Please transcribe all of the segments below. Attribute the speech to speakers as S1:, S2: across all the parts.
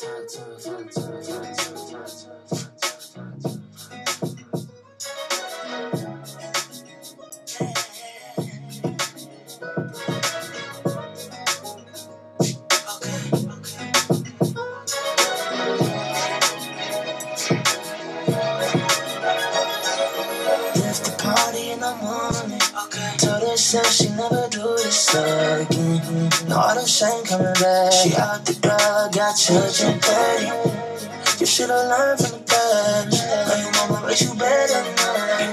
S1: Left the party in the morning. Okay. Told herself she never do this again. No autumn shame coming back. She out the door, got children 30. You should've learned from the past. Now your mama raised you better than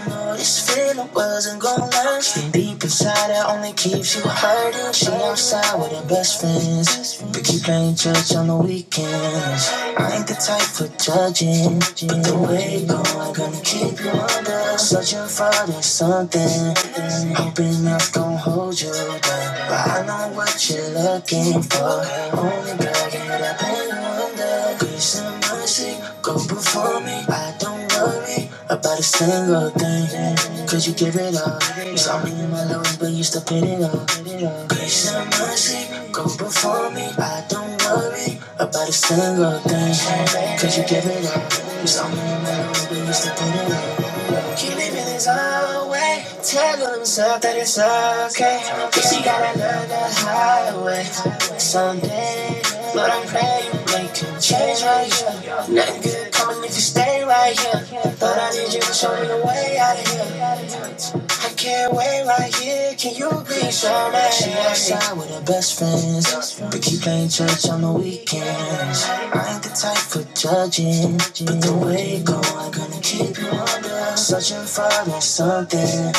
S1: You know this feeling wasn't gonna last. The deep inside that only keeps you hurting. She outside with her best friends, but keep playing church on the weekends. I ain't the type for judging, but the way it going gonna keep you under. Searching for this something, hoping that's gonna hold you down. But I know what you're looking for. Only girl, get up and thunder, grace and mercy go before me. I don't worry about a single thing, cause you give it up. You saw me in my lowest, but you still pin it up. Grace and mercy go before me. I don't worry about a single thing, cause you give it up. You saw me in my lowest, we used to do it. He living his own way, telling himself that it's okay. She got another highway someday, but I'm praying you make a change right here. Nothing good coming if you stay right here. Thought I need you to show me the way out of here. I can't wait right here. Can you be so mad? She outside with her best friends. But keep playing church on the weekends. I ain't the type for judging. But the way it go, I'm gonna keep you under. Searching for that something.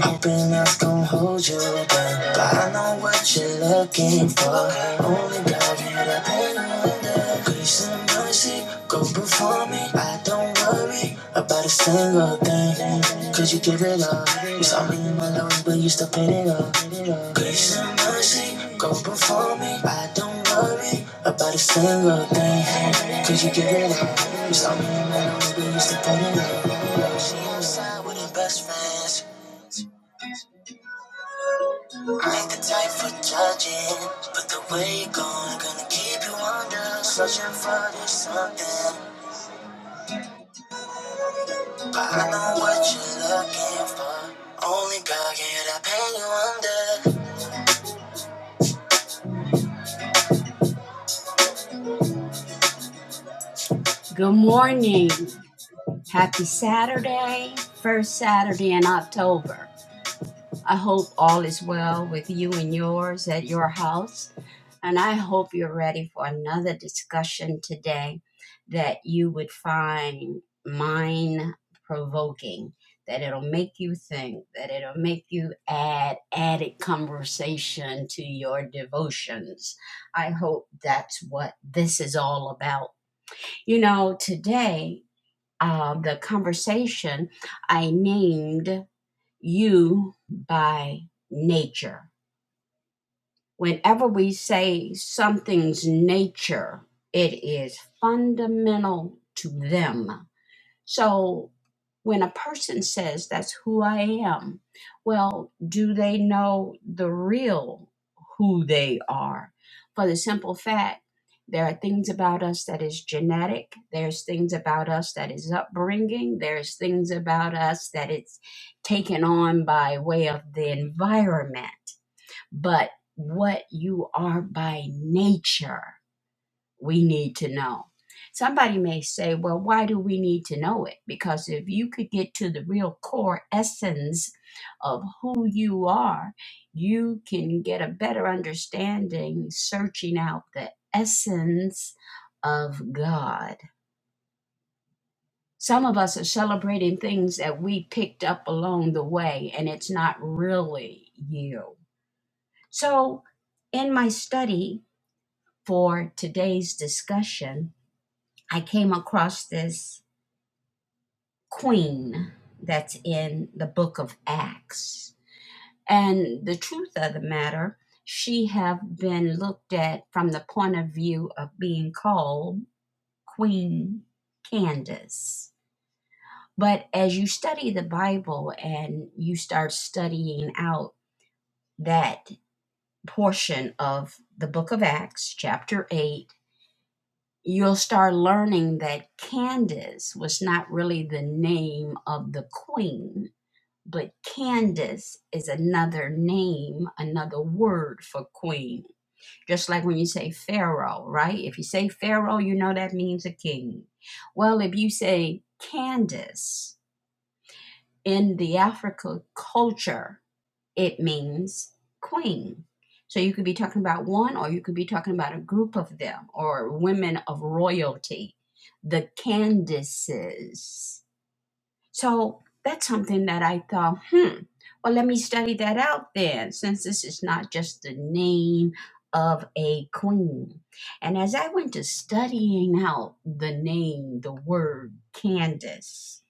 S1: Hoping that's gonna hold you back. But I know what you're looking for. Only God, you the pain under. Some mercy, go before me. I don't worry about a single thing. Cause you give it up. You saw me in my lowest, but you still paid it up. Grace and mercy, go before me. I don't worry about a single thing. Cause you give it up. You saw me in my lowest, but you still paid it up. She outside with her best friends. I ain't the type for judging. But the way you go, I'm gonna keep you under. Searching for this something. I know what you're looking for. Only God can pay you under. Good morning. Happy Saturday. First Saturday in October. I hope all is well with you and yours at your house. And I hope you're ready for another discussion today that you would find mind provoking, that it'll make you think, that it'll make you add added conversation to your devotions. I hope that's what this is all about. You know, today, uh, the conversation I named You by Nature Whenever we say something's nature, it is fundamental to them. So when a person says, That's who I am, well, do they know the real who they are? For the simple fact, there are things about us that is genetic. There's things about us that is upbringing. There's things about us that it's taken on by way of the environment but what you are by nature, we need to know. Somebody may say, well, why do we need to know it? Because if you could get to the real core essence of who you are, you can get a better understanding searching out the essence of God. Some of us are celebrating things that we picked up along the way, and it's not really you. So, in my study, for today's discussion, I came across this queen that's in the book of Acts. And the truth of the matter, she have been looked at from the point of view of being called Queen Candace. But as you study the Bible and you start studying out that portion of the book of Acts, chapter 8, you'll start learning that Candace was not really the name of the queen, but Candace is another name, another word for queen. Just like when you say Pharaoh, right? If you say Pharaoh, you know that means a king. Well, if you say Candace in the Africa culture, it means queen. So you could be talking about one, or you could be talking about a group of them, or women of royalty, the Candaces. So that's something that I thought, hmm, well, let me study that out then, since this is not just the name of a queen. And as I went to studying out the name, the word Candace,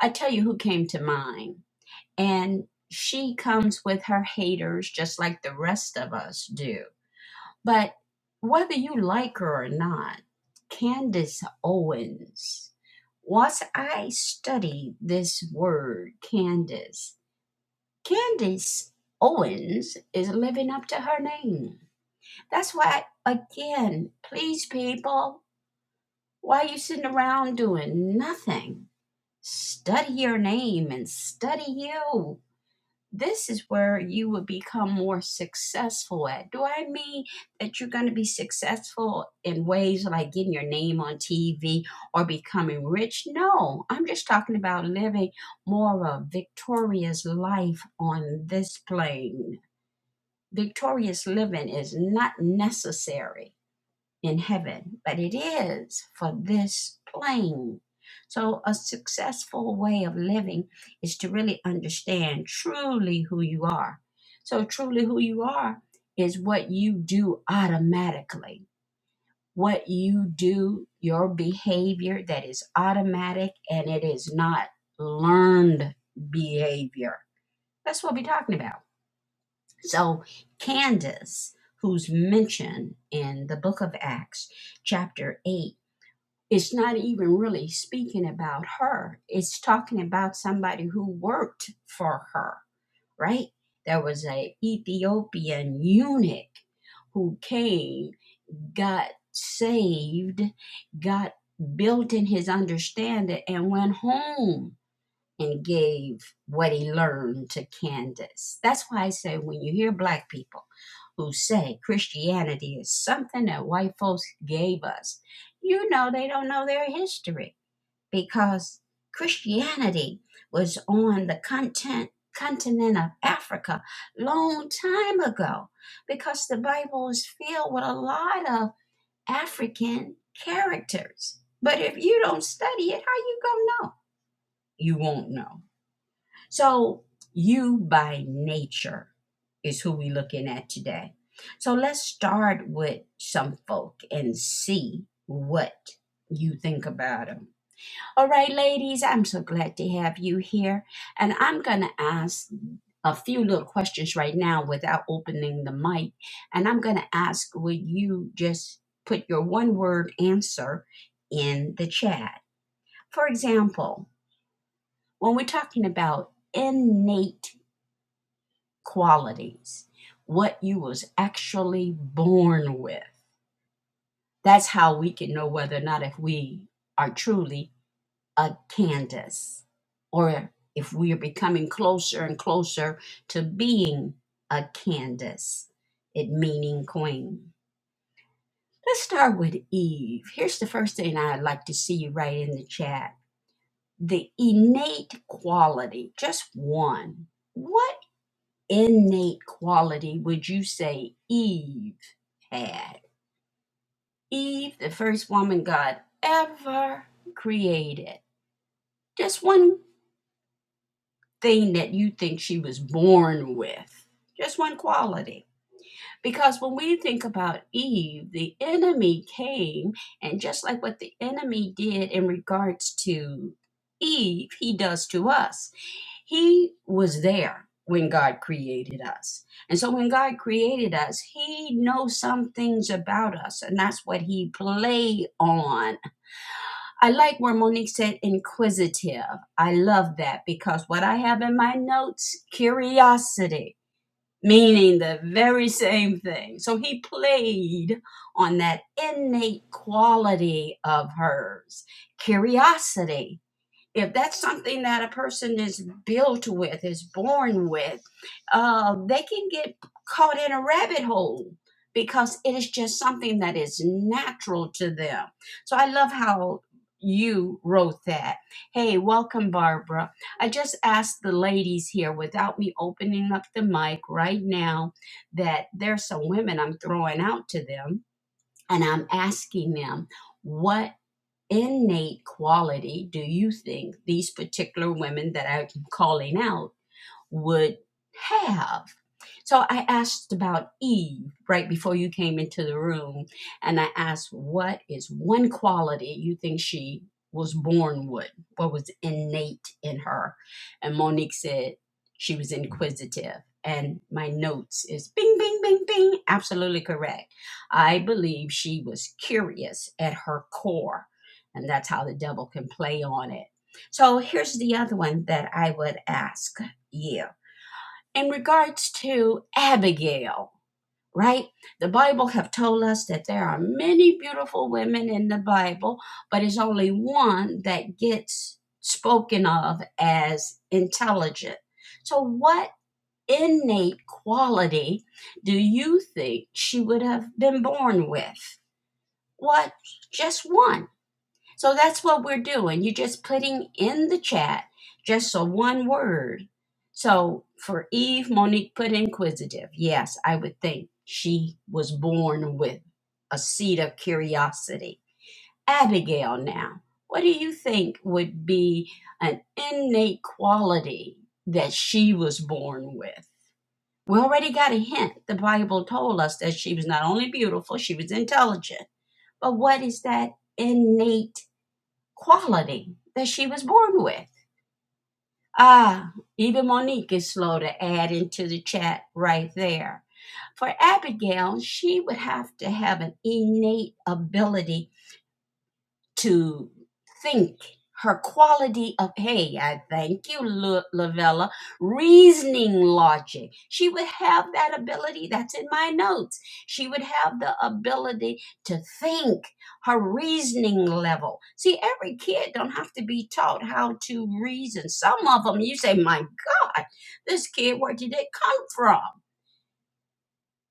S1: I tell you who came to mind and she comes with her haters just like the rest of us do. But whether you like her or not, Candace Owens, once I studied this word, Candace, Candace Owens is living up to her name. That's why, again, please, people, why are you sitting around doing nothing? Study your name and study you this is where you will become more successful at. Do I mean that you're going to be successful in ways like getting your name on TV or becoming rich? No, I'm just talking about living more of a victorious life on this plane. Victorious living is not necessary in heaven, but it is for this plane. So, a successful way of living is to really understand truly who you are. So, truly who you are is what you do automatically, what you do, your behavior that is automatic and it is not learned behavior. That's what we're talking about. So, Candace, who's mentioned in the book of Acts, chapter 8, it's not even really speaking about her. It's talking about somebody who worked for her, right? There was a Ethiopian eunuch who came, got saved, got built in his understanding, and went home and gave what he learned to Candace. That's why I say when you hear black people who say Christianity is something that white folks gave us, you know they don't know their history because Christianity was on the content continent of Africa long time ago because the Bible is filled with a lot of African characters. But if you don't study it, how you gonna know? You won't know. So, you by nature is who we're looking at today. So, let's start with some folk and see what you think about them. All right, ladies, I'm so glad to have you here. And I'm going to ask a few little questions right now without opening the mic. And I'm going to ask, would you just put your one word answer in the chat? For example, when we're talking about innate qualities, what you was actually born with. That's how we can know whether or not if we are truly a Candace or if we are becoming closer and closer to being a Candace, it meaning queen. Let's start with Eve. Here's the first thing I'd like to see you write in the chat. The innate quality, just one. What innate quality would you say Eve had? Eve, the first woman God ever created. Just one thing that you think she was born with, just one quality. Because when we think about Eve, the enemy came, and just like what the enemy did in regards to Eve, he does to us. He was there when God created us. And so when God created us, he knows some things about us and that's what he play on. I like where Monique said inquisitive. I love that because what I have in my notes, curiosity, meaning the very same thing. So he played on that innate quality of hers, curiosity if that's something that a person is built with, is born with, uh, they can get caught in a rabbit hole because it is just something that is natural to them. So I love how you wrote that. Hey, welcome, Barbara. I just asked the ladies here without me opening up the mic right now that there's some women I'm throwing out to them and I'm asking them. What innate quality do you think these particular women that I'm calling out would have. So I asked about Eve right before you came into the room, and I asked, What is one quality you think she was born with? What was innate in her? And Monique said she was inquisitive. And my notes is bing, bing, bing, bing. Absolutely correct. I believe she was curious at her core, and that's how the devil can play on it. So here's the other one that I would ask yeah. In regards to Abigail, right? The Bible have told us that there are many beautiful women in the Bible, but it's only one that gets spoken of as intelligent. So what innate quality do you think she would have been born with? What just one? So that's what we're doing. You're just putting in the chat just a one word. So for Eve, Monique put inquisitive. Yes, I would think she was born with a seed of curiosity. Abigail, now, what do you think would be an innate quality that she was born with? We already got a hint. The Bible told us that she was not only beautiful, she was intelligent. But what is that innate? quality that she was born with. Ah, even Monique is slow to add into the chat right there. For Abigail, she would have to have an innate ability to think her quality of hey i thank you Lu- lavella reasoning logic she would have that ability that's in my notes she would have the ability to think her reasoning level see every kid don't have to be taught how to reason some of them you say my god this kid where did it come from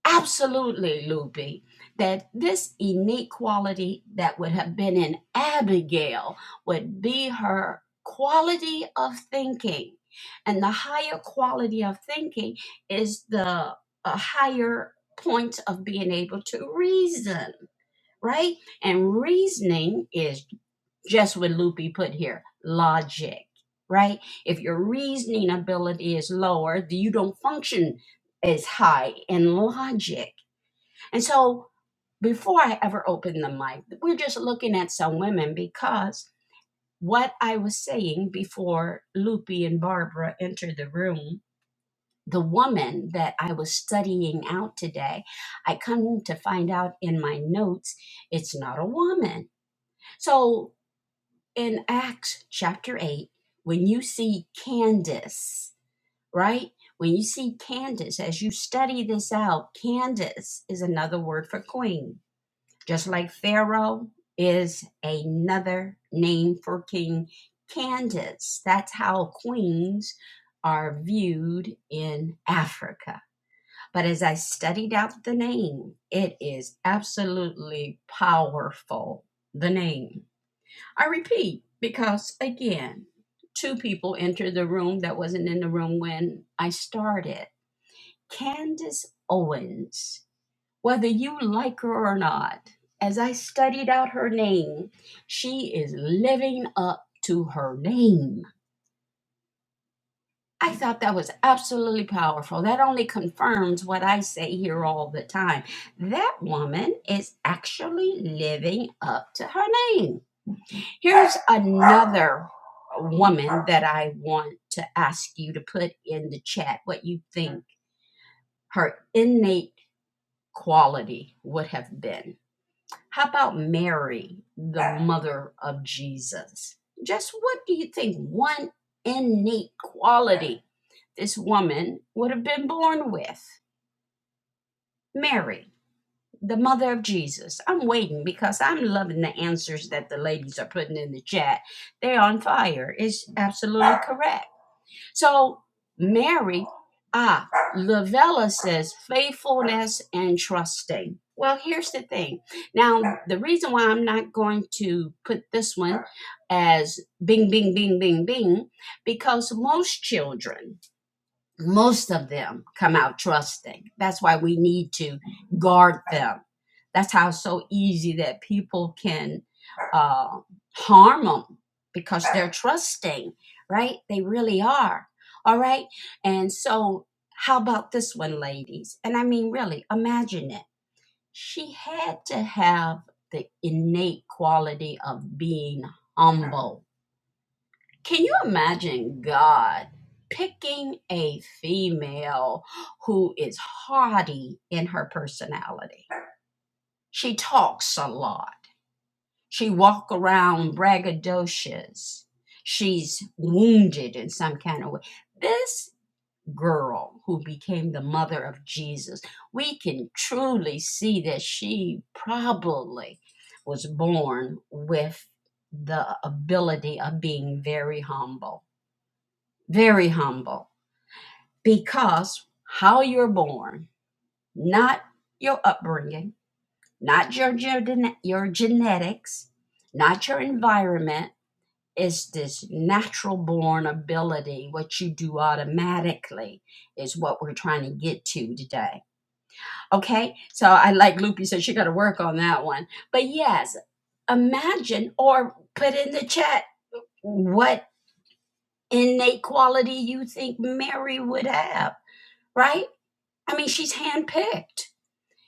S1: absolutely, Luby, that this unique quality that would have been in Abigail would be her quality of thinking. And the higher quality of thinking is the a higher point of being able to reason, right? And reasoning is just what Loopy put here logic, right? If your reasoning ability is lower, you don't function as high in logic and so before I ever opened the mic, we're just looking at some women because what I was saying before Loopy and Barbara entered the room, the woman that I was studying out today, I come to find out in my notes, it's not a woman. So in Acts chapter 8, when you see Candace, right? When you see Candace, as you study this out, Candace is another word for queen Just like Pharaoh is another name for King Candace. That's how queens are viewed in Africa. But as I studied out the name, it is absolutely powerful, the name. I repeat, because again, two people entered the room that wasn't in the room when I started. Candace Owens whether you like her or not, as I studied out her name, she is living up to her name. I thought that was absolutely powerful. That only confirms what I say here all the time. That woman is actually living up to her name. Here's another woman that I want to ask you to put in the chat what you think her innate quality would have been. How about Mary, the mother of Jesus? Just what do you think? One innate quality this woman would have been born with. Mary, the mother of Jesus. I'm waiting because I'm loving the answers that the ladies are putting in the chat. They're on fire. It's absolutely correct. So Mary, ah, Lavella says faithfulness and trusting. Well, here's the thing. Now, the reason why I'm not going to put this one as bing, bing, bing, bing, bing, because most children most of them come out trusting. That's why we need to guard them. That's how it's so easy that people can uh, harm them because they're trusting, right? They really are. All right. And so, how about this one, ladies? And I mean, really, imagine it. She had to have the innate quality of being humble can you imagine God picking a female who is haughty in her personality? She talks a lot. She walks around braggadocious. She's wounded in some kind of way. This girl who became the mother of Jesus, we can truly see that she probably was born with the ability of being very humble very humble because how you're born, not your upbringing, not your gene- your genetics, not your environment is this natural born ability what you do automatically is what we're trying to get to today okay so i like loopy said she got to work on that one but yes imagine or put in the chat what innate quality you think mary would have right I mean, she's handpicked.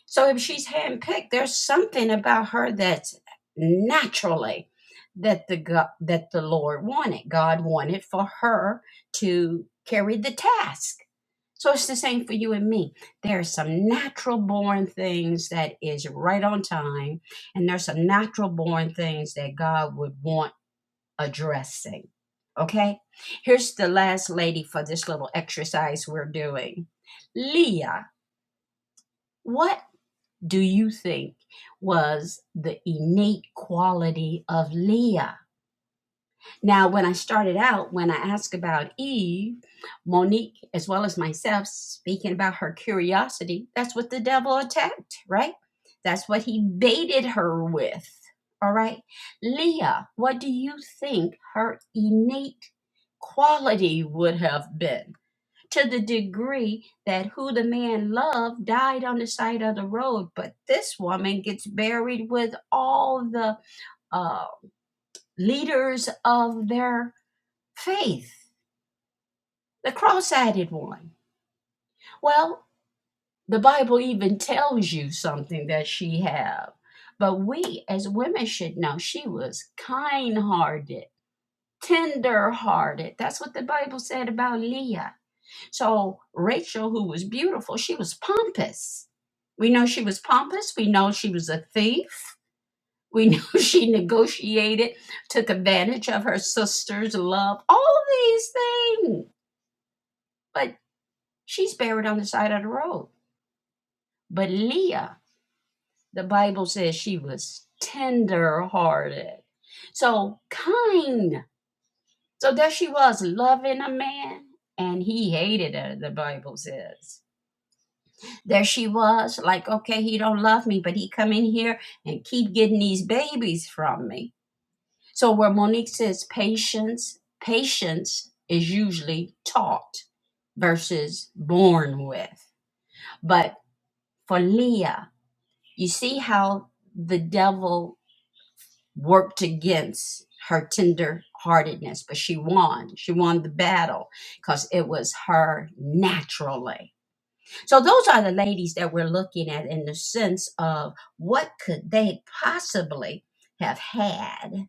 S1: So if she's handpicked, there's something about her that's naturally that the God, that the Lord wanted. God wanted for her to carry the task. So it's the same for you and me. There are some natural born things that is right on time, and there's some natural born things that God would want addressing. Okay? Here's the last lady for this little exercise we're doing. Leah, what do you think was the innate quality of Leah? Now, when I started out, when I asked about Eve, Monique, as well as myself, speaking about her curiosity, that's what the devil attacked, right? That's what he baited her with. All right. Leah, what do you think her innate quality would have been? to the degree that who the man loved died on the side of the road. But this woman gets buried with all the uh, leaders of their faith, the cross eyed one. Well, the Bible even tells you something that she have. But we as women should know she was kind hearted, tender hearted. That's what the Bible said about Leah So Rachel, who was beautiful, she was pompous. We know she was pompous. We know she was a thief. We know she negotiated, took advantage of her sister's love, all these things. But she's buried on the side of the road. But Leah, the Bible says she was tender hearted. So kind. So there she was, loving a man, and he hated her, the Bible says. there she was like okay he don't love me but he come in here and keep getting these babies from me so where monique says patience patience is usually taught versus born with but for leah you see how the devil worked against her tender heartedness but she won she won the battle because it was her naturally So those are the ladies that we're looking at in the sense of what could they possibly have had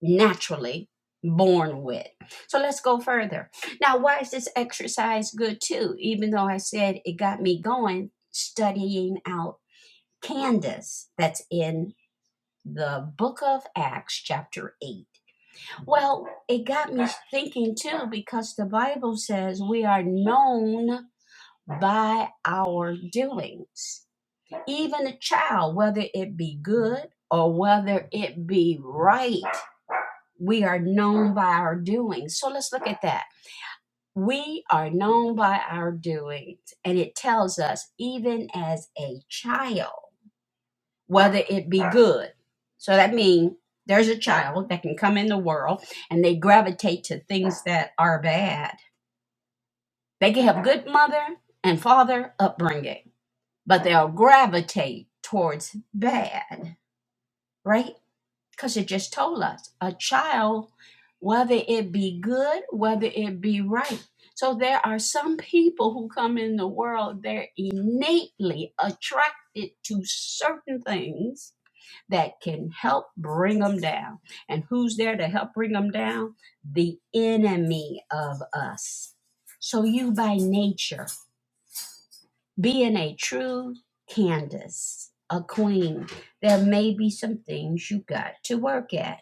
S1: naturally born with. So let's go further. Now, why is this exercise good too? Even though I said it got me going studying out Candace that's in the book of Acts chapter 8. Well, it got me thinking too because the Bible says we are known by our doings. even a child, whether it be good or whether it be right, we are known by our doings. So let's look at that. We are known by our doings, and it tells us, even as a child, whether it be good. So that means there's a child that can come in the world and they gravitate to things that are bad. They can have good mother and father upbringing, but they'll gravitate towards bad, right? because it just told us a child, whether it be good, whether it be right. So there are some people who come in the world, they're innately attracted to certain things that can help bring them down. And who's there to help bring them down? The enemy of us. So you by nature being a true Candace, a queen, there may be some things you got to work at.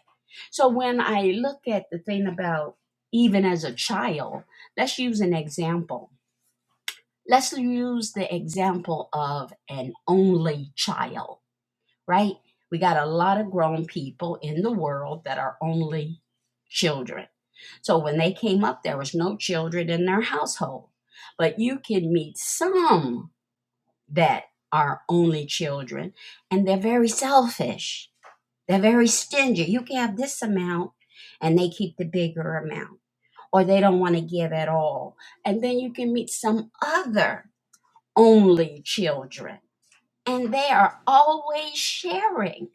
S1: So when I look at the thing about even as a child, let's use an example. Let's use the example of an only child, right? We got a lot of grown people in the world that are only children. So when they came up, there was no children in their household. But you can meet some that are only children and they're very selfish they're very stingy you can have this amount and they keep the bigger amount or they don't want to give at all and then you can meet some other only children and they are always sharing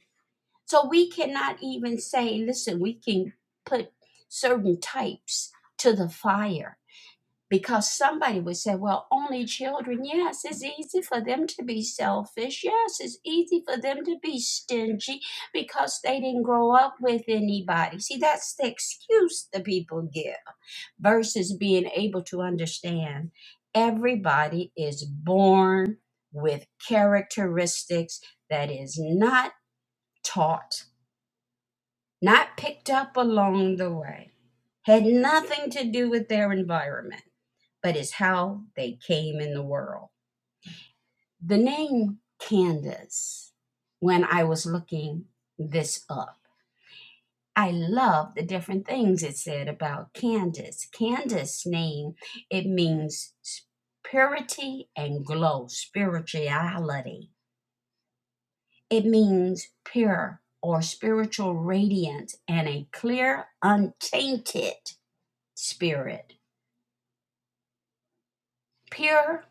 S1: so we cannot even say listen we can put certain types to the fire because somebody would say, well, only children. Yes, it's easy for them to be selfish. Yes, it's easy for them to be stingy because they didn't grow up with anybody. See, that's the excuse the people give versus being able to understand everybody is born with characteristics that is not taught, not picked up along the way, had nothing to do with their environment but is how they came in the world. The name Candace, when I was looking this up, I love the different things it said about Candace. Candace's name, it means purity and glow, spirituality. It means pure or spiritual radiance and a clear, untainted spirit. pure,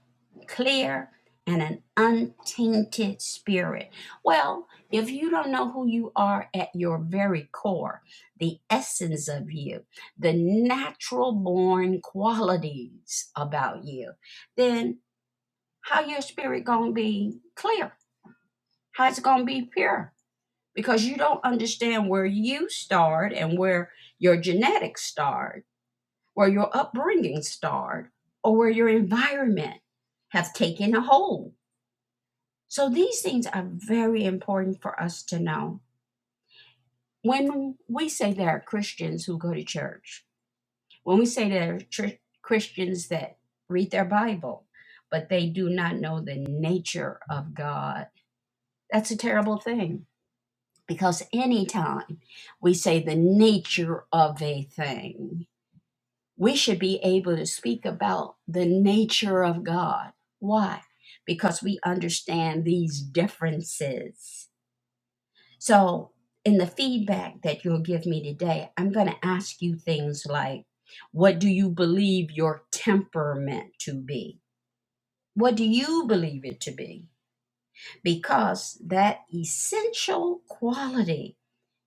S1: clear, and an untainted spirit. Well, if you don't know who you are at your very core, the essence of you, the natural born qualities about you, then how your spirit going to be clear? How it's going to be pure? Because you don't understand where you start and where your genetics start where your upbringing started or where your environment have taken a hold. So these things are very important for us to know. When we say there are Christians who go to church, when we say there are tr- Christians that read their Bible, but they do not know the nature of God, that's a terrible thing because anytime we say the nature of a thing, we should be able to speak about the nature of God. Why? Because we understand these differences. So, in the feedback that you'll give me today, I'm going to ask you things like what do you believe your temperament to be? What do you believe it to be? Because that essential quality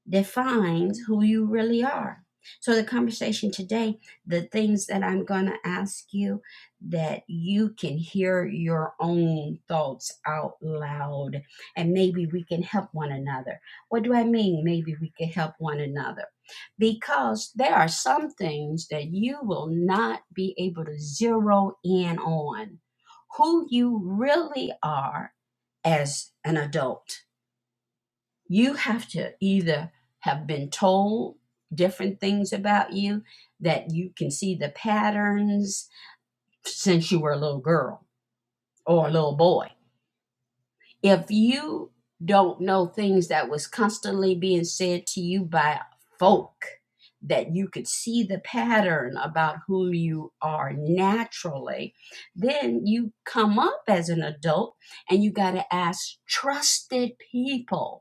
S1: defines who you really are. So, the conversation today, the things that I'm going to ask you, that you can hear your own thoughts out loud, and maybe we can help one another. What do I mean? Maybe we can help one another. Because there are some things that you will not be able to zero in on who you really are as an adult you have to either have been told different things about you that you can see the patterns since you were a little girl or a little boy if you don't know things that was constantly being said to you by folk that you could see the pattern about who you are naturally then you come up as an adult and you got to ask trusted people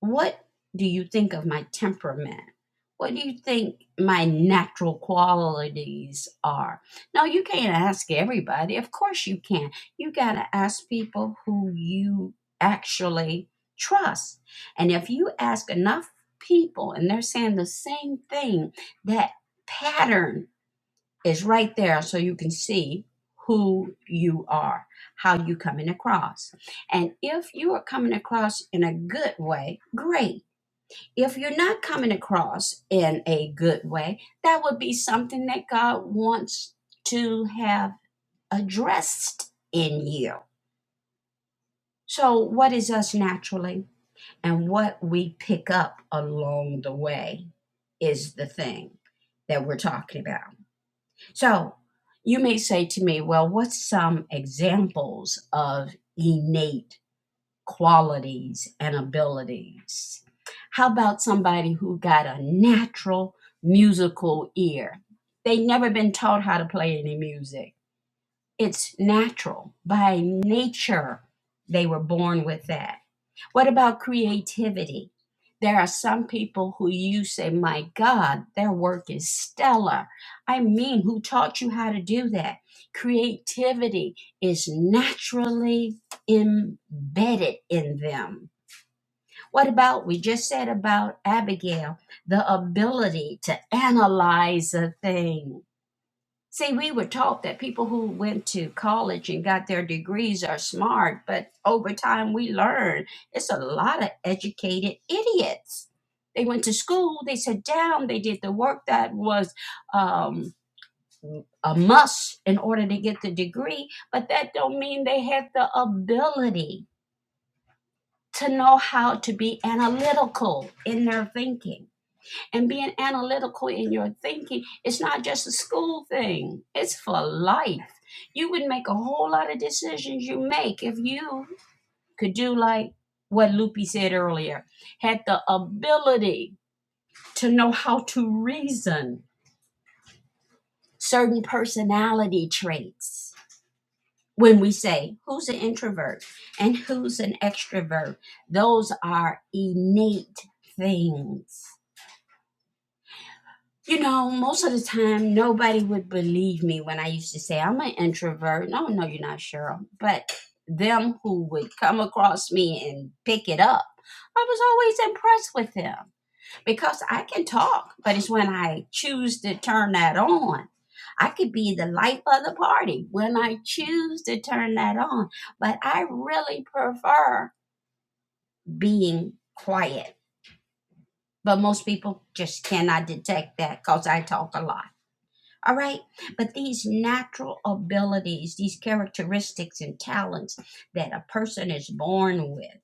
S1: What do you think of my temperament? What do you think my natural qualities are? No, you can't ask everybody. Of course, you can. You got to ask people who you actually trust. And if you ask enough people and they're saying the same thing, that pattern is right there so you can see who you are, how you coming across. And if you are coming across in a good way, great if you're not coming across in a good way, that would be something that God wants to have addressed in you. So, what is us naturally and what we pick up along the way is the thing that we're talking about. So, you may say to me, Well, what's some examples of innate? qualities and abilities. How about somebody who got a natural musical ear? They never been taught how to play any music. It's natural. By nature, they were born with that what about creativity? There are some people who you say, My God, their work is stellar. I mean, who taught you how to do that? Creativity is naturally embedded in them. What about, we just said about Abigail, the ability to analyze a thing? See, we were taught that people who went to college and got their degrees are smart, but over time we learn it's a lot of educated idiots. They went to school, they sat down, they did the work that was um, a must in order to get the degree, but that don't mean they had the ability to know how to be analytical in their thinking and being analytical in your thinking it's not just a school thing it's for life you would make a whole lot of decisions you make if you could do like what Lupi said earlier had the ability to know how to reason certain personality traits when we say who's an introvert and who's an extrovert those are innate things you know, most of the time, nobody would believe me when I used to say I'm an introvert. No, no, you're not, Cheryl. But them who would come across me and pick it up, I was always impressed with them because I can talk, but it's when I choose to turn that on. I could be the life of the party when I choose to turn that on, but I really prefer being quiet. But most people just cannot detect that because I talk a lot. All right. But these natural abilities, these characteristics and talents that a person is born with,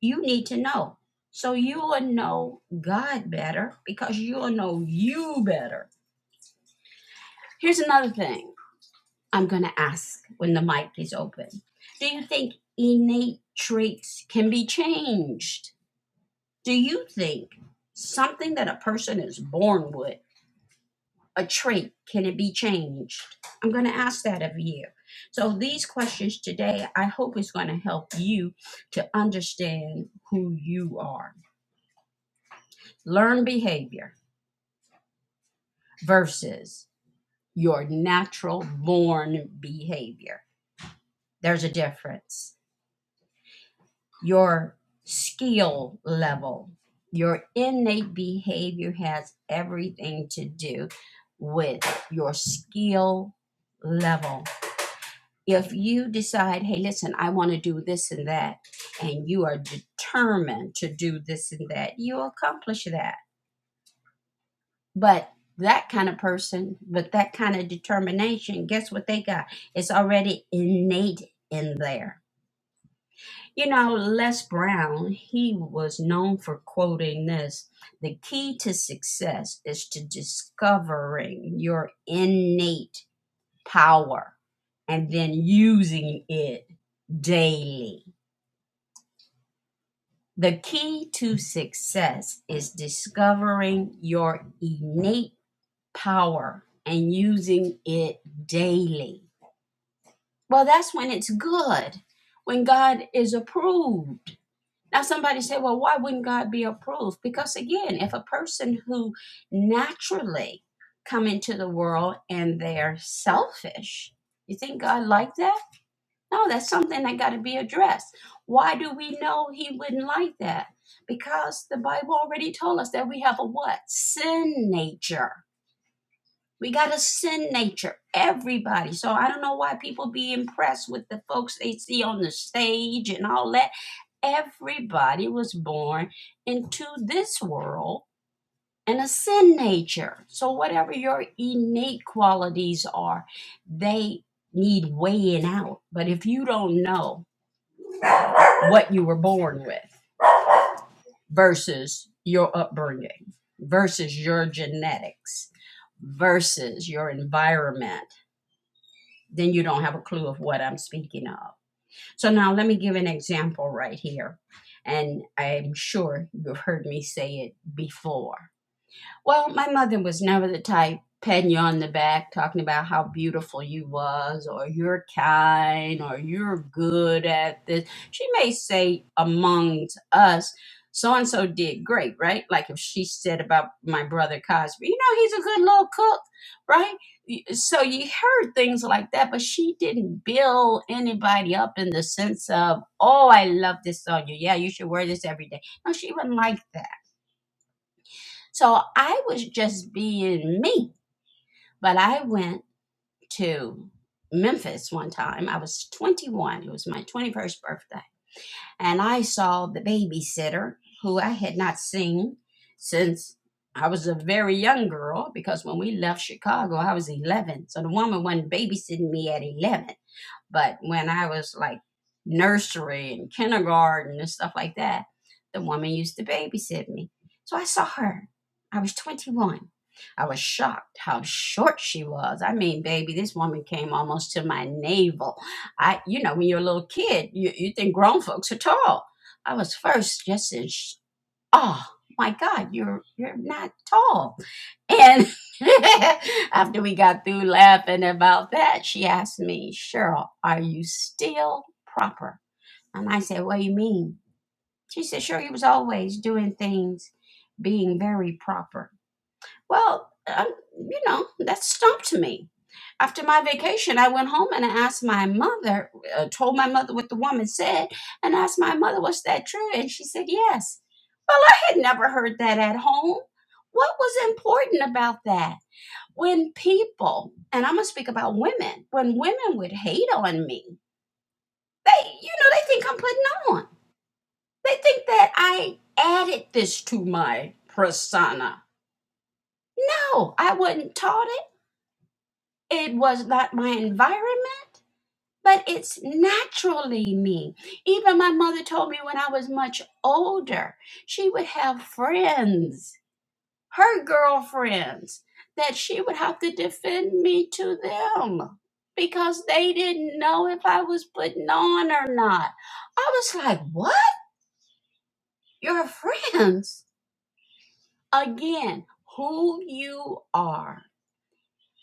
S1: you need to know. So you will know God better because you will know you better. Here's another thing I'm going to ask when the mic is open Do you think innate traits can be changed? Do you think something that a person is born with? a trait? Can it be changed? I'm going to ask that of you. So, these questions today, I hope, is going to help you to understand who you are. Learn behavior versus your natural born behavior. There's a difference. Your skill level, your innate behavior has everything to do with your skill level If you decide, hey, listen, I want to do this and that, and you are determined to do this and that, you'll accomplish that. But that kind of person, with that kind of determination, guess what they got? It's already innate in there. You know, Les Brown, he was known for quoting this the key to success is to discovering your innate power and then using it daily. The key to success is discovering your innate power and using it daily. Well, that's when it's good, when God is approved. Now, somebody said, well, why wouldn't God be approved? Because again, if a person who naturally come into the world and they're selfish, you think God like that? No, that's something that got to be addressed. Why do we know he wouldn't like that? Because the Bible already told us that we have a what? Sin nature. We got a sin nature, everybody. So I don't know why people be impressed with the folks they see on the stage and all that. Everybody was born into this world and a sin nature. So whatever your innate qualities are, they need weighing out. But if you don't know, what you were born with versus your upbringing versus your genetics versus your environment then you don't have a clue of what i'm speaking of so now let me give an example right here and i'm sure you've heard me say it before Well, my mother was never the type patting you on the back, talking about how beautiful you was, or you're kind, or you're good at this. She may say amongst us, so and so did great, right? Like if she said about my brother Cosby, you know, he's a good little cook, right? Y- So you heard things like that, but she didn't build anybody up in the sense of, oh, I love this on you. Yeah, you should wear this every day. No, she wasn't like that so I was just being me. But I went to Memphis one time. I was 21. It was my 21st birthday. And I saw the babysitter who I had not seen since I was a very young girl because when we left Chicago, I was 11. So the woman wasn't babysitting me at 11. But when I was like nursery and kindergarten and stuff like that, the woman used to babysit me. So I saw her. I was 21. I was shocked how short she was. I mean, baby, this woman came almost to my navel. I, you know, when you're a little kid, you, you think grown folks are tall. I was first just in, sh- oh my God, you're you're not tall and after we got through laughing about that, she asked me, Cheryl, are you still proper? And I said, What do you mean? She said, Cheryl, you was always doing things being very proper. Well, um, you know, that stumped me. After my vacation, I went home and I asked my mother, uh, told my mother what the woman said, and asked my mother, Was that true? And she said, Yes. Well, I had never heard that at home. What was important about that? when people, and I'm gonna speak about women, when women would hate on me, they, you know, they think I'm putting on. They think that I added this to my persona. No, I wasn't taught it. It was not my environment, but it's naturally me. Even my mother told me when I was much older, she would have friends her girlfriends that she would have to defend me to them because they didn't know if I was putting on or not. I was like, what? Your friends? Again, who you are.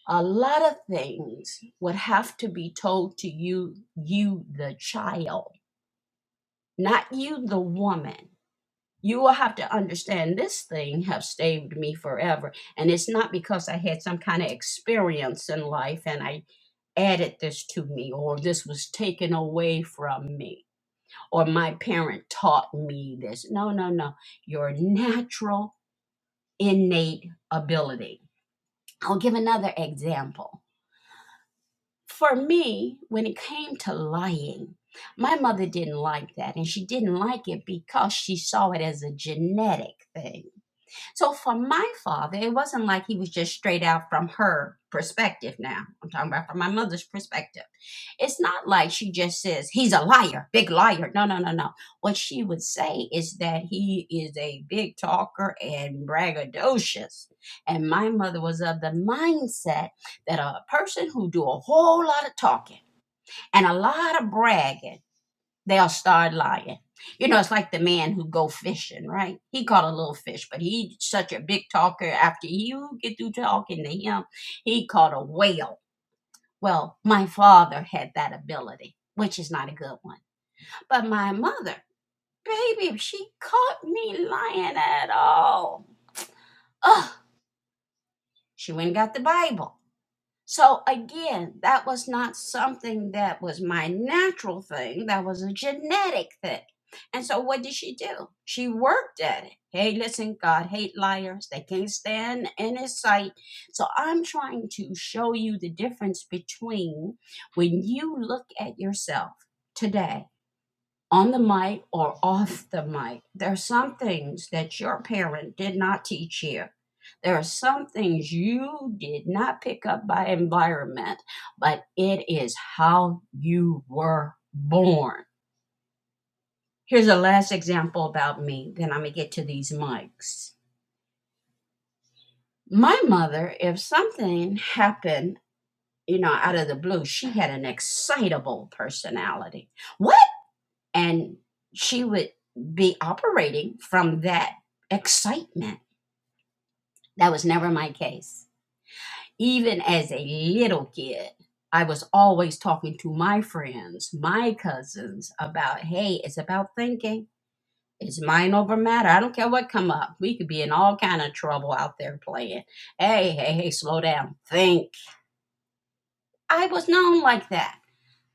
S1: A lot of things would have to be told to you, you the child, not you the woman. you will have to understand this thing have saved me forever and it's not because i had some kind of experience in life and i added this to me or this was taken away from me or my parent taught me this no no no your natural innate ability i'll give another example for me when it came to lying my mother didn't like that and she didn't like it because she saw it as a genetic thing So for my father, it wasn't like he was just straight out from her perspective now. I'm talking about from my mother's perspective. It's not like she just says, he's a liar, big liar. No, no, no, no. What she would say is that he is a big talker and braggadocious. And my mother was of the mindset that a person who do a whole lot of talking and a lot of bragging they'll start lying. You know, it's like the man who go fishing, right? He caught a little fish, but he such a big talker. After you get through talking to him, he caught a whale. Well, my father had that ability, which is not a good one. But my mother, baby, if she caught me lying at all, ugh, she went and got the Bible. So again, that was not something that was my natural thing. That was a genetic thing. And so what did she do? She worked at it. Hey, listen, God hate liars. They can't stand in his sight. So I'm trying to show you the difference between when you look at yourself today on the mic or off the mic. There are some things that your parent did not teach you. There are some things you did not pick up by environment, but it is how you were born. Here's a last example about me, then I'm going to get to these mics. My mother, if something happened, you know, out of the blue, she had an excitable personality. What? and she would be operating from that excitement. That was never my case. Even as a little kid, I was always talking to my friends, my cousins about, hey, it's about thinking. It's mind over matter. I don't care what come up. We could be in all kind of trouble out there playing. Hey, hey, hey, slow down. Think I was known like that,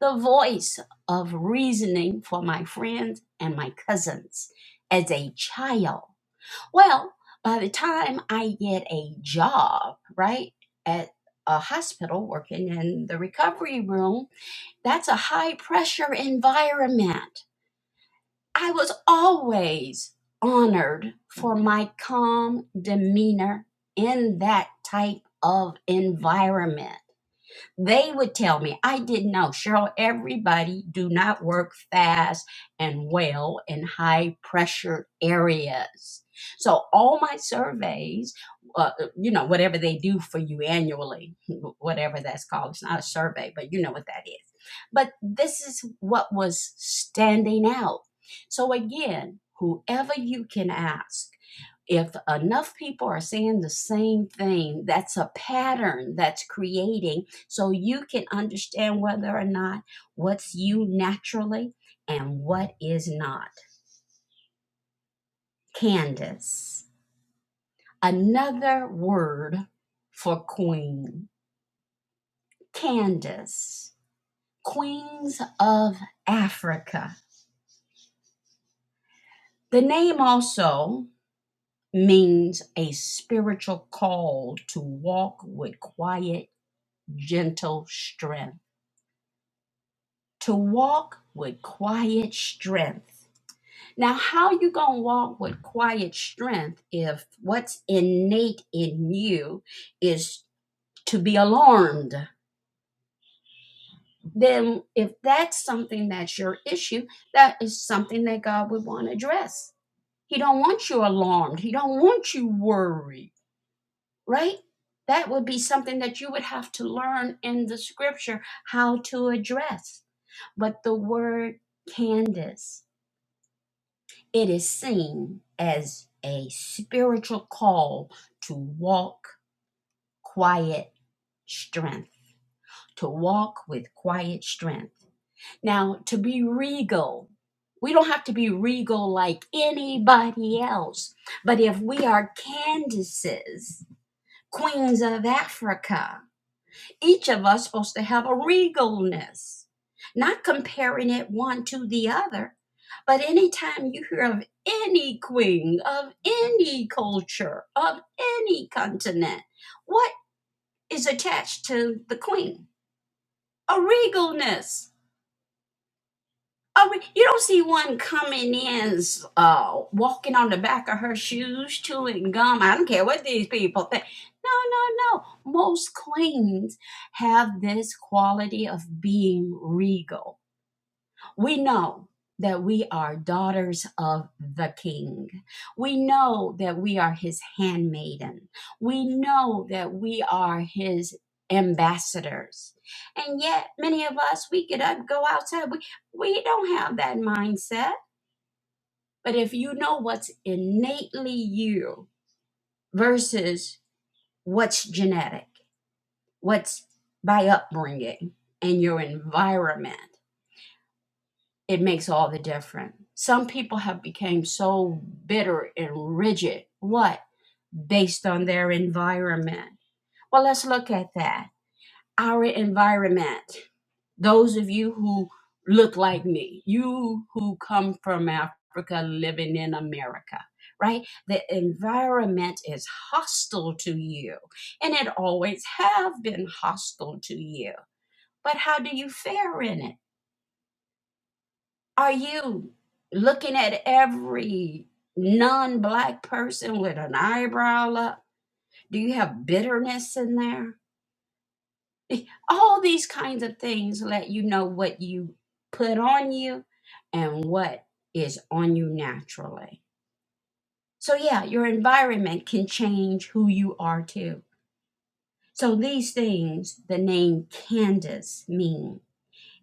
S1: the voice of reasoning for my friends and my cousins as a child. Well, by the time I get a job, right, at a hospital working in the recovery room, that's a high pressure environment. I was always honored for my calm demeanor in that type of environment. They would tell me, I didn't know, Cheryl, everybody do not work fast and well in high pressure areas. So all my surveys, uh, you know, whatever they do for you annually, whatever that's called, it's not a survey, but you know what that is. But this is what was standing out. So again, whoever you can ask, if enough people are saying the same thing, that's a pattern that's creating so you can understand whether or not what's you naturally and what is not. Candace, another word for queen. Candace, queens of Africa. The name also means a spiritual call to walk with quiet, gentle strength. To walk with quiet strength Now, how you gonna walk with quiet strength if what's innate in you is to be alarmed? Then, if that's something that's your issue, that is something that God would want to address. He don't want you alarmed. He don't want you worried, right? That would be something that you would have to learn in the scripture how to address. But the word Candace It is seen as a spiritual call to walk quiet strength, to walk with quiet strength. Now, to be regal, we don't have to be regal like anybody else, but if we are Candaces, queens of Africa, each of us supposed to have a regalness, not comparing it one to the other. But anytime you hear of any queen, of any culture, of any continent, what is attached to the queen? A regalness I mean, you don't see one coming in, uh, walking on the back of her shoes, chewing gum. I don't care what these people think. No, no, no. Most queens have this quality of being regal we know that we are daughters of the King. We know that we are his handmaiden. We know that we are his ambassadors. And yet, many of us, we get up, go outside. We, we don't have that mindset. But if you know what's innately you versus what's genetic, what's by upbringing and your environment, it makes all the difference. Some people have become so bitter and rigid. What? Based on their environment. Well, let's look at that. Our environment. Those of you who look like me, you who come from Africa living in America, right? The environment is hostile to you, and it always have been hostile to you. But how do you fare in it? Are you looking at every non black person with an eyebrow up? Do you have bitterness in there? All these kinds of things let you know what you put on you and what is on you naturally. So, yeah, your environment can change who you are too. So, these things the name Candace mean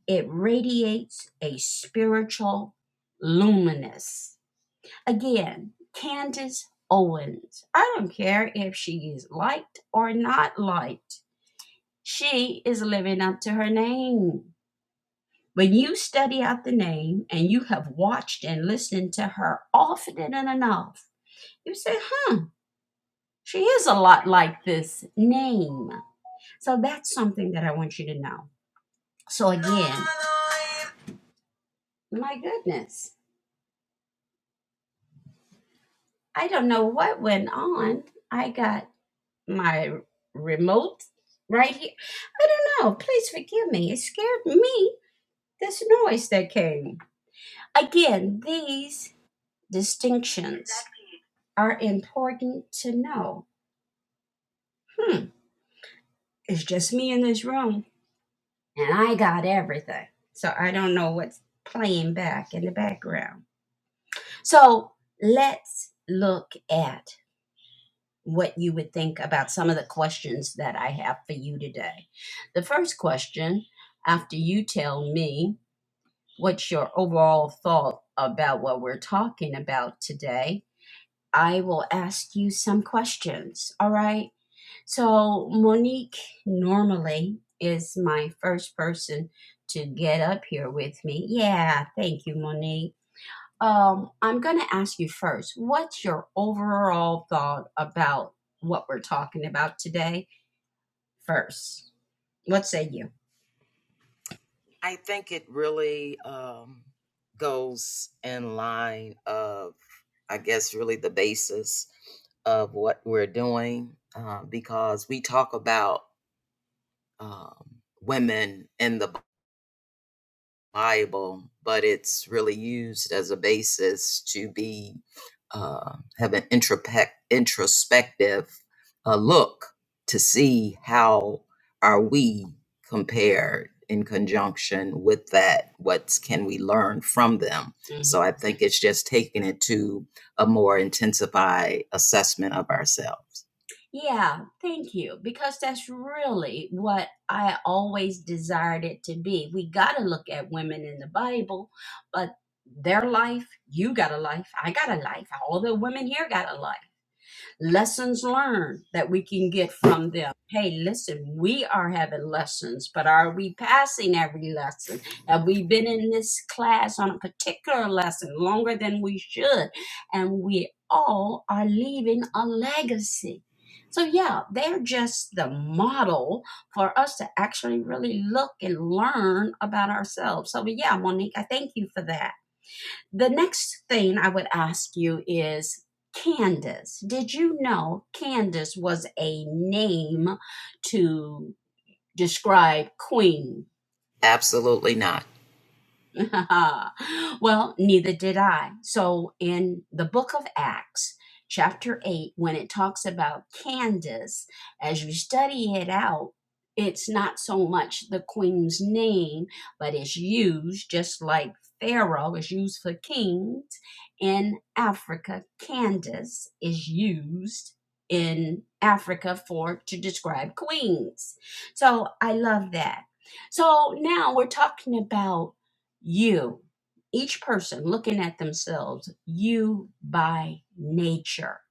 S1: it radiates a spiritual luminous Again, Candace Owens. I don't care if she is liked or not liked. She is living up to her name. When you study out the name and you have watched and listened to her often enough, you say, huh, she is a lot like this name. So that's something that I want you to know. So again, my goodness, I don't know what went on. I got my remote right here. I don't know. Please forgive me. It scared me. This noise that came. Again, these distinctions are important to know. Hmm. It's just me in this room, and I got everything. So I don't know what's playing back in the background. So let's look at what you would think about some of the questions that I have for you today. The first question, after you tell me what's your overall thought about what we're talking about today, I will ask you some questions. All right. So, Monique normally is my first person to get up here with me. Yeah. Thank you, Monique. Um, I'm going to ask you first what's your overall thought about what we're talking about today? First, what say you?
S2: I think it really um, goes in line of, I guess, really the basis of what we're doing uh, because we talk about um, women in the Bible, but it's really used as a basis to be uh, have an introspect, introspective uh, look to see how are we compared in conjunction with that. What can we learn from them?
S1: Mhm.
S2: So I think it's just taking it to a more intensified assessment of ourselves.
S1: Yeah, thank you, because that's really what I always desired it to be. We got to look at women in the Bible, but their life, you got a life, I got a life, all the women here got a life. lessons learned that we can get from them. Hey, listen, we are having lessons, but are we passing every lesson? Have we been in this class on a particular lesson longer than we should? And we all are leaving a legacy. So, yeah, they're just the model for us to actually really look and learn about ourselves. So, yeah, Monique, I thank you for that. The next thing I would ask you is Candace. Did you know Candace was a name to describe queen?
S2: Absolutely not
S1: well, neither did I. So, in the book of Acts, chapter 8, when it talks about Candace, as you study it out, it's not so much the queen's name, but it's used just like Pharaoh is used for kings. In Africa, Candace is used in Africa for to describe queens. So I love that. So now we're talking about you, each person looking at themselves, you by nature.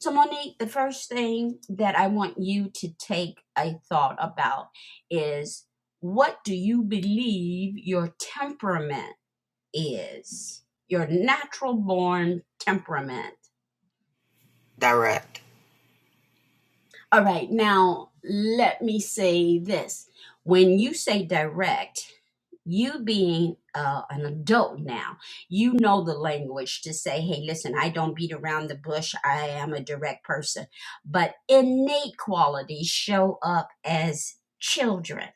S1: So, Monique, the first thing that I want you to take a thought about is what do you believe your temperament is? Your natural born temperament.
S2: direct.
S1: All right, now let me say this. When you say direct, you being uh, an adult now, you know the language to say, hey, listen, I don't beat around the bush. I am a direct person. But innate qualities show up as children.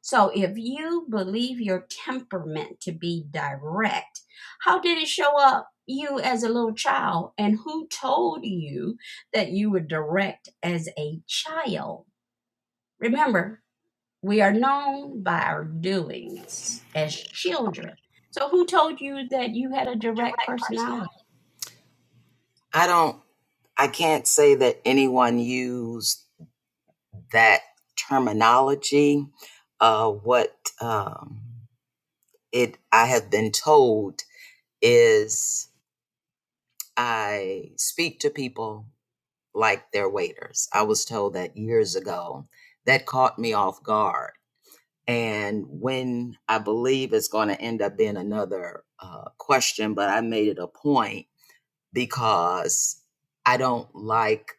S1: So if you believe your temperament to be direct, how did it show up you as a little child? And who told you that you were direct as a child? Remember, we are known by our doings as children. So who told you that you had a direct
S2: Direct.
S1: personality
S2: I don't I can't say that anyone used that terminology. Uh, what um, it I have been told is I speak to people like they're waiters. I was told that years ago. That caught me off guard. And when I believe it's going to end up being another uh, question, but I made it a point because I don't like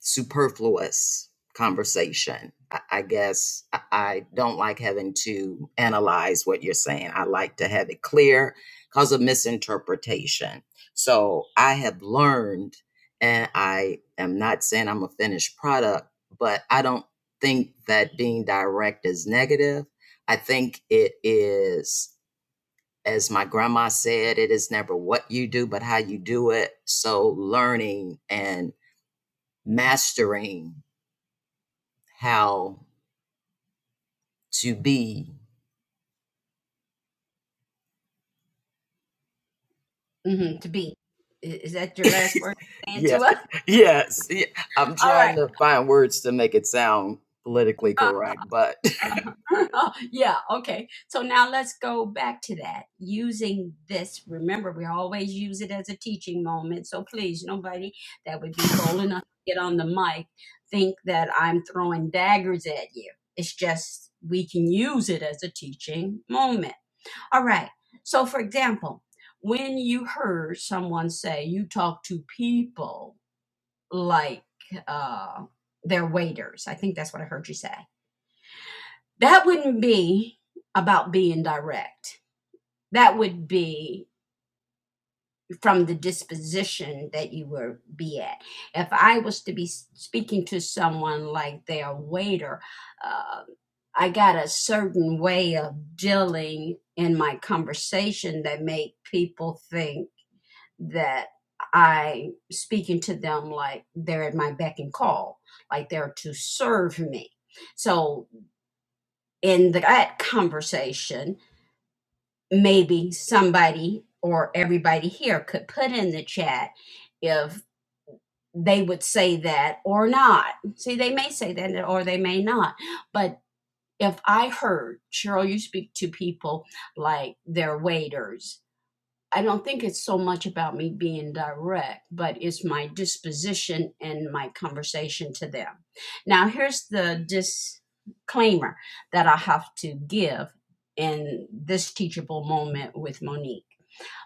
S2: superfluous conversation. I, I guess I, I don't like having to analyze what you're saying. I like to have it clear because of misinterpretation. So I have learned, and I am not saying I'm a finished product, but I don't think that being direct is negative. I think it is. As my grandma said, it is never what you do, but how you do it. So, learning and mastering how to be.
S1: Mhm, to be? Is that your last word saying
S2: yeah,
S1: to us?
S2: yes. Yeah. I'm
S1: All
S2: trying
S1: right.
S2: to find words to make it sound politically correct, but
S1: Uh-huh. Oh, yeah, okay. So now let's go back to that. Using this, remember, we always use it as a teaching moment. So please, nobody that would be bold enough to get on the mic think that I'm throwing daggers at you. It's just we can use it as a teaching moment. All right. So, for example, when you heard someone say you talk to people like uh, their waiters, I think that's what I heard you say that wouldn't be about being direct. That would be from the disposition that you would be at. If I was to be speaking to someone like their waiter, uh, I got a certain way of dealing in my conversation that make people think that I speaking to them like they're at my beck and call, like they're to serve me. So in that conversation, maybe somebody or everybody here could put in the chat if they would say that or not. See, they may say that or they may not. But if I heard, Cheryl, you speak to people like they're waiters I don't think it's so much about me being direct, but it's my disposition and my conversation to them. Now, here's the disclaimer that I have to give in this teachable moment with Monique.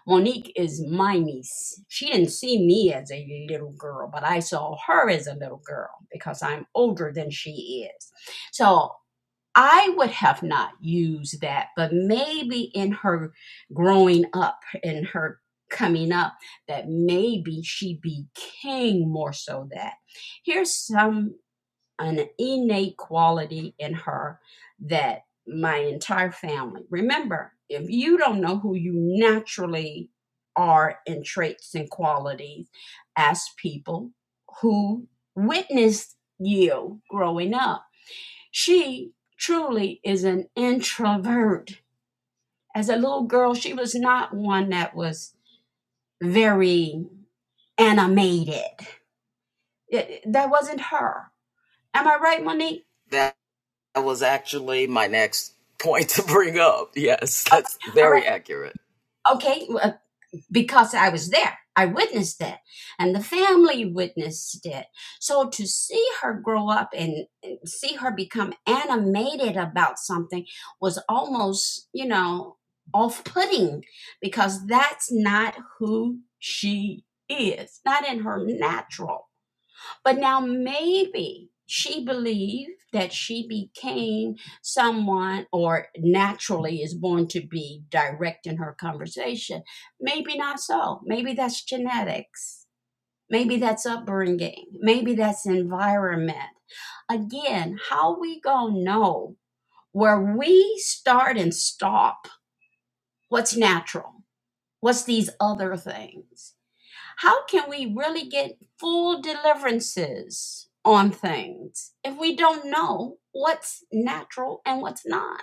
S1: Monique is my niece. She didn't see me as a little girl, but I saw her as a little girl because I'm older than she is. So I would have not used that, but maybe in her growing up, in her coming up, that maybe she became more so that. Here's some an innate quality in her that my entire family. Remember, if you don't know who you naturally are in traits and qualities, ask people who witnessed you growing up she truly is an introvert. As a little girl, she was not one that was very animated. It- that wasn't her. Am I right, Monique?
S2: that was actually my next point to bring up. Yes,
S1: Oh,
S2: that's
S1: all
S2: very
S1: right.
S2: accurate.
S1: Okay. because I was there. I witnessed it, and the family witnessed it. So to see her grow up and see her become animated about something was almost, you know, off putting because that's not who she is, not in her natural. But now maybe she believed that she became someone or naturally is born to be direct in her conversation. Maybe not so. Maybe that's genetics. Maybe that's upbringing. Maybe that's environment. Again, how we gonna know where we start and stop what's natural? What's these other things? how can we really get full deliverances on things if we don't know what's natural and what's not?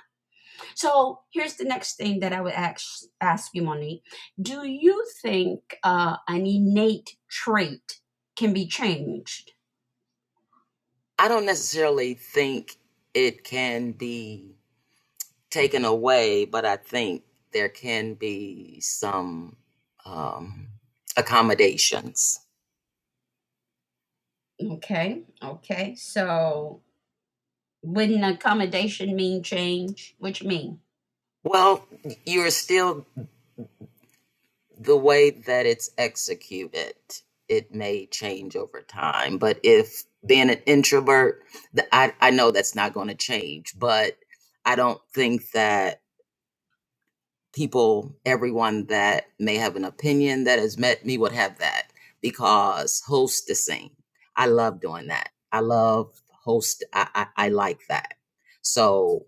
S1: So here's the next thing that I would ask, ask you, Monique. Do you think uh, an innate trait can be changed?
S2: I don't necessarily think it can be taken away, but I think there can be some um, accommodations.
S1: Okay, okay. So wouldn't accommodation mean change? Which mean?
S2: Well, you're still the way that it's executed, it may change over time. But if being an introvert, the, I, I know that's not going to change, but I don't think that people, everyone that may have an opinion that has met me would have that because hostessing, I love doing that. I love host, I, I, I like that. So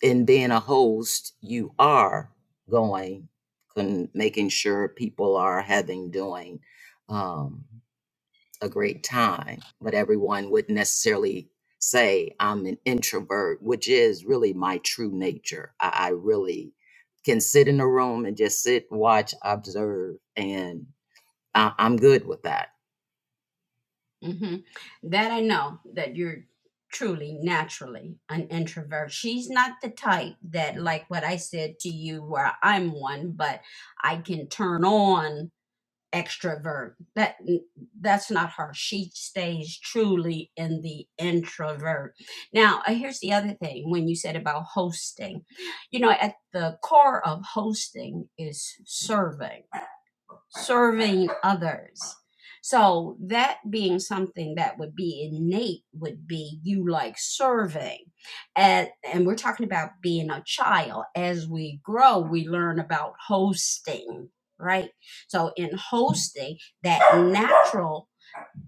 S2: in being a host, you are going and making sure people are having doing um, a great time. But everyone would necessarily say, I'm an introvert, which is really my true nature. I, I really can sit in a room and just sit, watch, observe, and I, I'm good with that.
S1: hmm That I know that you're truly naturally an introvert. She's not the type that, like what I said to you, where I'm one, but I can turn on extrovert. That that's not her. She stays truly in the introvert. Now, uh, here's the other thing: when you said about hosting, you know, at the core of hosting is serving serving others. So that being something that would be innate would be you like serving. And, and we're talking about being a child. As we grow, we learn about hosting, right? So in hosting, that natural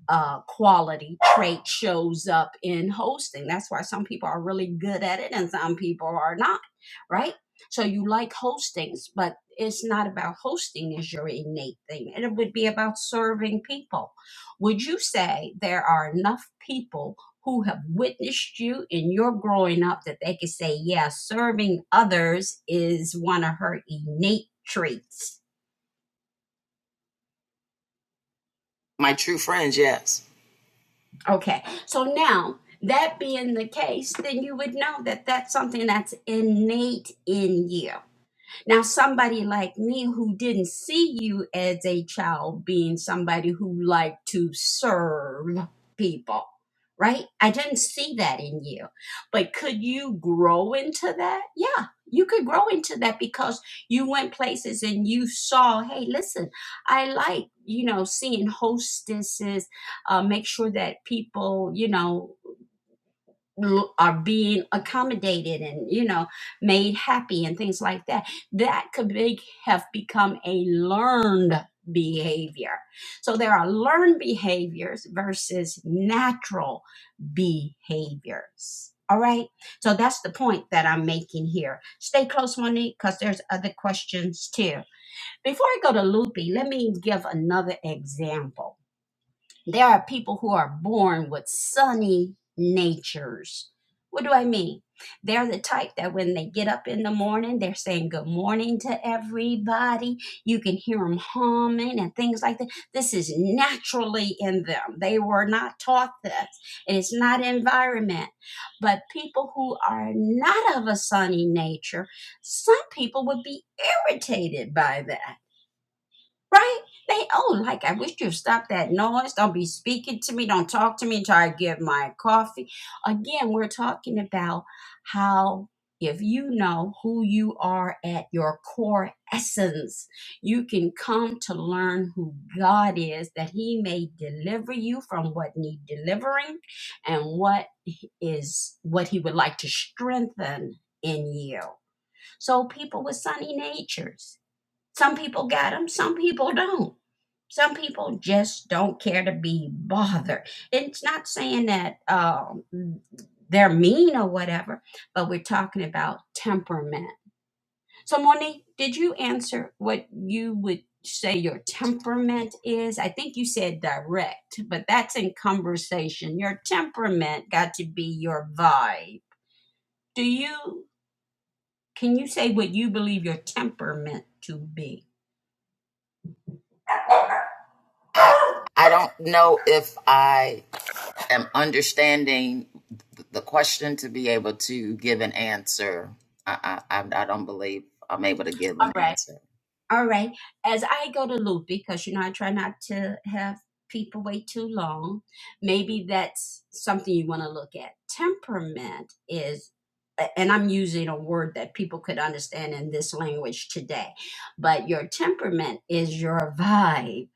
S1: uh, quality trait shows up in hosting. That's why some people are really good at it and some people are not, right? So you like hostings, but it's not about hosting as your innate thing. It would be about serving people. Would you say there are enough people who have witnessed you in your growing up that they could say, yeah, serving others is one of her innate traits?
S2: My true friends, yes.
S1: Okay. So now, that being the case, then you would know that that's something that's innate in you. Now, somebody like me who didn't see you as a child being somebody who liked to serve people, right? I didn't see that in you. But could you grow into that? Yeah, you could grow into that because you went places and you saw, hey, listen, I like, you know, seeing hostesses uh, make sure that people, you know, l- are being accommodated and you know made happy and things like that that could be, have become a learned behavior so there are learned behaviors versus natural behaviors all right so that's the point that i'm making here stay close monique because there's other questions too before i go to loopy let me give another example there are people who are born with sunny natures. What do I mean? They're the type that when they get up in the morning, they're saying good morning to everybody. You can hear them humming and things like that. This is naturally in them. They were not taught this, it's not environment. But people who are not of a sunny nature, some people would be irritated by that Right? They oh, like I wish you'd stop that noise. Don't be speaking to me. Don't talk to me until I get my coffee. Again, we're talking about how if you know who you are at your core essence, you can come to learn who God is, that He may deliver you from what need delivering and what is what He would like to strengthen in you. So people with sunny natures. Some people got them, some people don't. Some people just don't care to be bothered. And It's not saying that um, they're mean or whatever, but we're talking about temperament. So, Monique, did you answer what you would say your temperament is? I think you said direct, but that's in conversation. Your temperament got to be your vibe. Do you, can you say what you believe your temperament to be?
S2: I I don't know if I am understanding the question to be able to give an answer. I, I I don't believe I'm able to give
S1: All
S2: an
S1: right.
S2: answer.
S1: All right. As I go to loop, because you know I try not to have people wait too long. Maybe that's something you want to look at. Temperament is, and I'm using a word that people could understand in this language today, but your temperament is your vibe,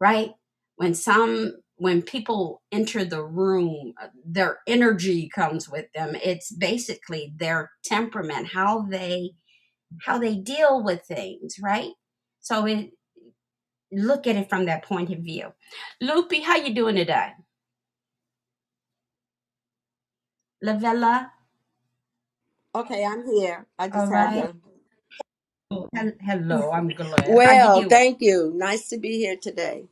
S1: right? When some when people enter the room, uh, their energy comes with them. It's basically their temperament, how they how they deal with things, right? So we look at it from that point of view. Lupi, how you doing today? Lavella,
S3: Okay, I'm here. I
S1: all
S3: just had
S1: right.
S3: to.
S1: Oh, Hel- Hello, I'm glad. How you
S3: Well,
S1: doing?
S3: thank you. Nice to be here today.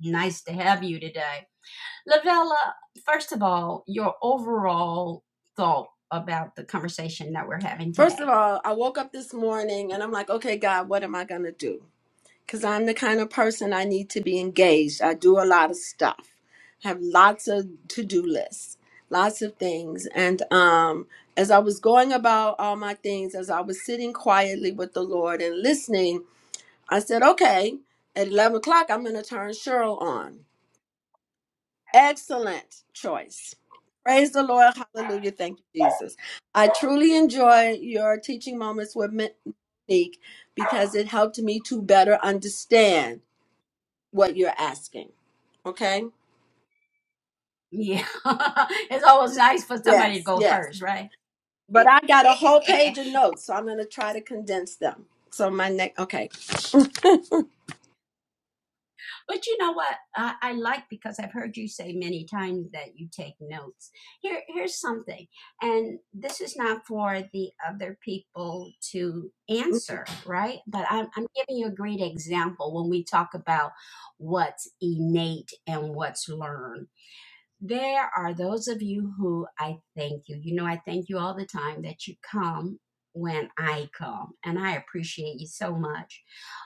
S1: Nice to have you today. Lavella, first of all, your overall thought about the conversation that we're having
S3: First of
S1: today.
S3: all, I woke up this morning and I'm like, okay, God, what am I going to do? Because I'm the kind of person I need to be engaged. I do a lot of stuff, I have lots of to do lists, lots of things. And um, as I was going about all my things, as I was sitting quietly with the Lord and listening, I said, okay, at 11 o'clock, I'm going to turn Cheryl on. Excellent choice. Praise the Lord. Hallelujah. Thank you, Jesus. I truly enjoy your teaching moments with Monique because it helped me to better understand what you're asking. Okay?
S1: Yeah. it's always nice for somebody to
S3: Yes,
S1: go
S3: yes.
S1: first, right?
S3: But I got a whole page of notes, so I'm going to try to condense them. So my next, okay.
S1: But you know what? I, I like because I've heard you say many times that you take notes. Here, here's something, and this is not for the other people to answer, right? But I'm, I'm giving you a great example when we talk about what's innate and what's learned there are those of you who I thank you. You know, I thank you all the time that you come when I come, and I appreciate you so much.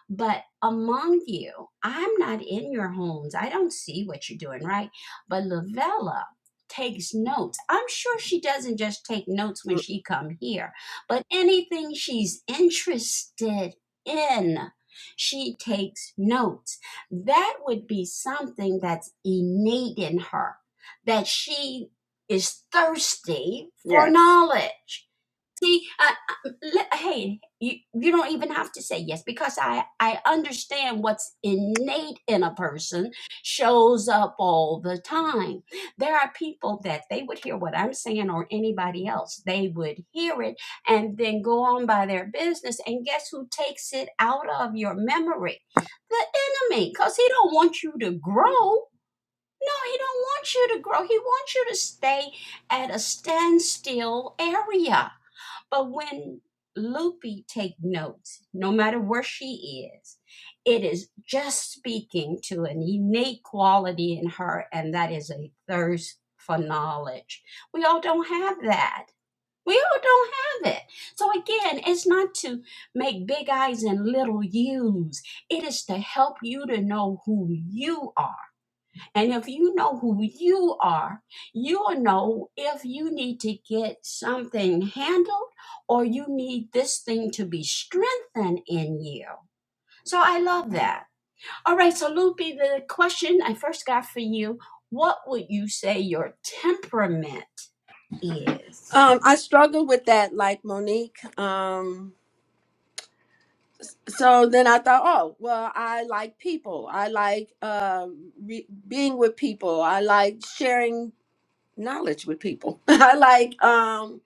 S1: But among you, I'm not in your homes. I don't see what you're doing, right? But Lavella takes notes. I'm sure she doesn't just take notes when she come here, but anything she's interested in, she takes notes. That would be something that's innate in her that she is thirsty for
S3: yes.
S1: knowledge. See, I, I, hey, you, you don't even have to say yes because I, I understand what's innate in a person shows up all the time. There are people that they would hear what I'm saying or anybody else, they would hear it and then go on by their business. And guess who takes it out of your memory? The enemy, because he don't want you to grow. No, he don't want you to grow. He wants you to stay at a standstill area. But when Loopy take notes, no matter where she is, it is just speaking to an innate quality in her, and that is a thirst for knowledge. We all don't have that. We all don't have it. So again, it's not to make big eyes and little U's. It is to help you to know who you are and if you know who you are, you'll know if you need to get something handled or you need this thing to be strengthened in you. So I love that. All right, so Loopy, the question I first got for you what would you say your temperament is?
S3: Um, I struggle with that, like Monique. Um, so then I thought, oh, well, I like people. I like um, re- being with people. I like sharing knowledge with people. I like, um,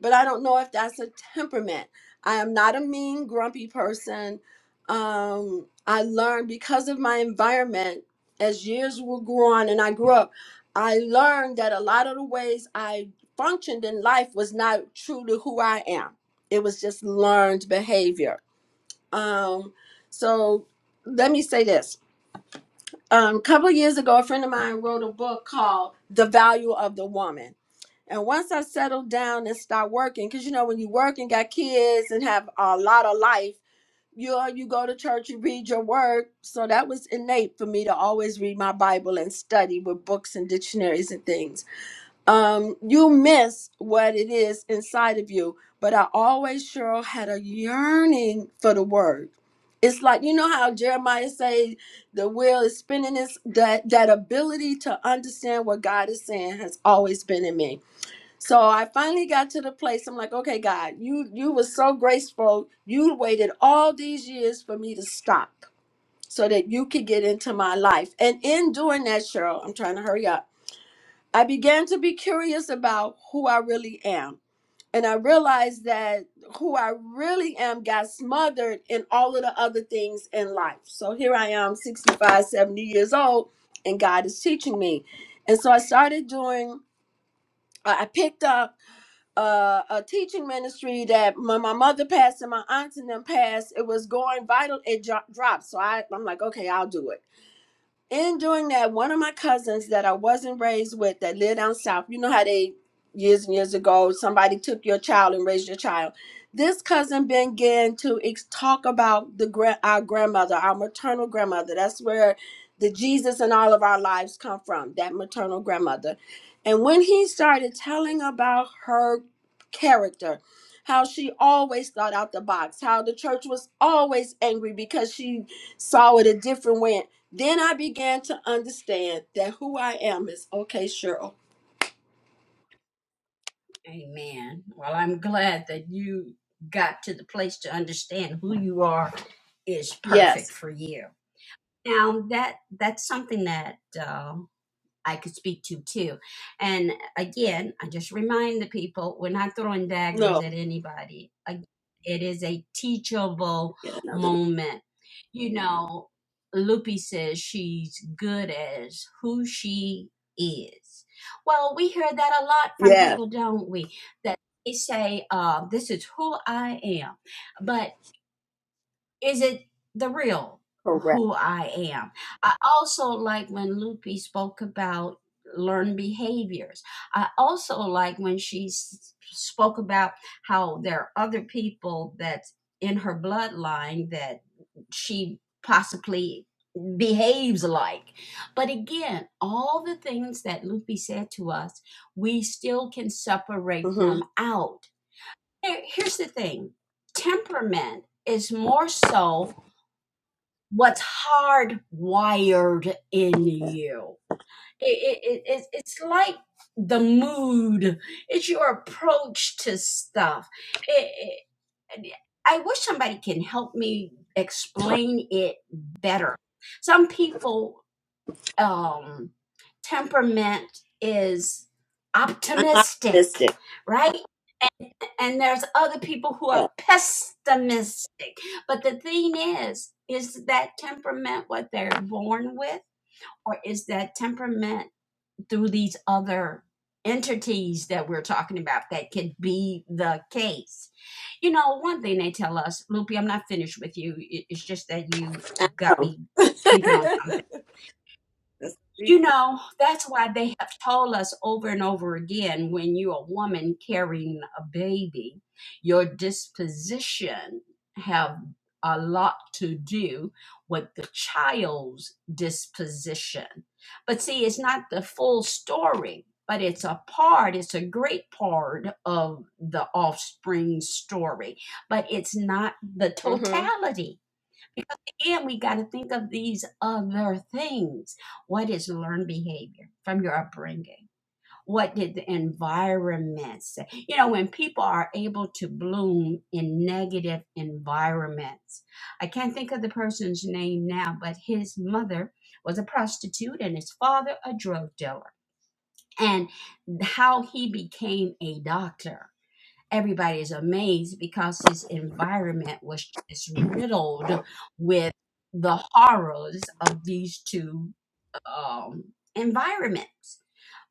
S3: but I don't know if that's a temperament. I am not a mean, grumpy person. Um, I learned because of my environment as years will go on and I grew up, I learned that a lot of the ways I functioned in life was not true to who I am. It was just learned behavior um, so let me say this. Um, a couple of years ago, a friend of mine wrote a book called The Value of the Woman. And once I settled down and start working, because you know, when you work and got kids and have a lot of life, you you go to church, you read your word. So that was innate for me to always read my Bible and study with books and dictionaries and things um, you miss what it is inside of you. But I always, Cheryl, had a yearning for the word. It's like you know how Jeremiah say the wheel is spinning. Is that that ability to understand what God is saying has always been in me. So I finally got to the place. I'm like, okay, God, you you were so graceful. You waited all these years for me to stop so that you could get into my life. And in doing that, Cheryl, I'm trying to hurry up I began to be curious about who I really am. And I realized that who I really am got smothered in all of the other things in life. So here I am, 65, 70 years old, and God is teaching me. And so I started doing, I I picked up uh, a teaching ministry that when my mother passed and my aunts and them passed, it was going vital, it dro- dropped. So I, I'm like, okay, I'll do it in doing that, one of my cousins that I wasn't raised with that lived down south, you know how they years and years ago somebody took your child and raised your child. This cousin began to ex- talk about the gra- our grandmother, our maternal grandmother. That's where the Jesus in all of our lives come from, that maternal grandmother. And when he started telling about her character, how she always thought out the box, how the church was always angry because she saw it a different way then I began to understand that who I am is okay, Cheryl.
S1: Amen. Well, I'm glad that you got to the place to understand who you are is
S3: Yes.
S1: perfect for you. Now that that's something that uh, I could speak to too. And again, I just remind the people we're not throwing daggers
S3: No,
S1: at anybody. It is a teachable
S3: get another.
S1: moment. You know, Lupi says she's good as who she is. Well, we hear that a lot from
S3: Yes.
S1: people, don't we? That they say, uh, this is who I am. But is it the real
S3: Correct.
S1: who I am? I also like when Lupe spoke about learned behaviors. I also like when she s- spoke about how there are other people that's in her bloodline that she possibly behaves like. But again, all the things that Lupe said to us, we still can separate
S3: hmm
S1: them out. Here- Here's the thing temperament is more so what's hardwired in
S3: Okay.
S1: you. It, it, it, it's like the mood, it's your approach to stuff. It, it, I wish somebody can help me explain it better. Some people, um, temperament is
S3: I'm
S1: optimistic,
S3: optimistic.
S1: right? and there's other people who
S3: Yeah.
S1: are pessimistic. But the thing is, is that temperament what they're born with, or is that temperament through these other entities that we're talking about that could be the case? You know, one thing they tell us, Loopy, I'm not finished with you. It- It's just that you got
S3: No.
S1: me
S3: That's
S1: thinking on something
S3: what we-
S1: you know, that's why they have told us over and over again when you're a woman carrying a baby, your disposition have a lot to do with the child's disposition. But see, it's not the full story, but it's a part, it's a great part of the offspring story, but it's not the
S3: hmm
S1: totality because again, we got to think of these other things. What is learned behavior from your upbringing? What did the environment say? You know, when people are able to bloom in negative environments, I can't think of the person's name now, but his mother was a prostitute and his father a drug dealer, and how he became a doctor everybody is amazed because his environment was just riddled with the horrors of these two um, environments.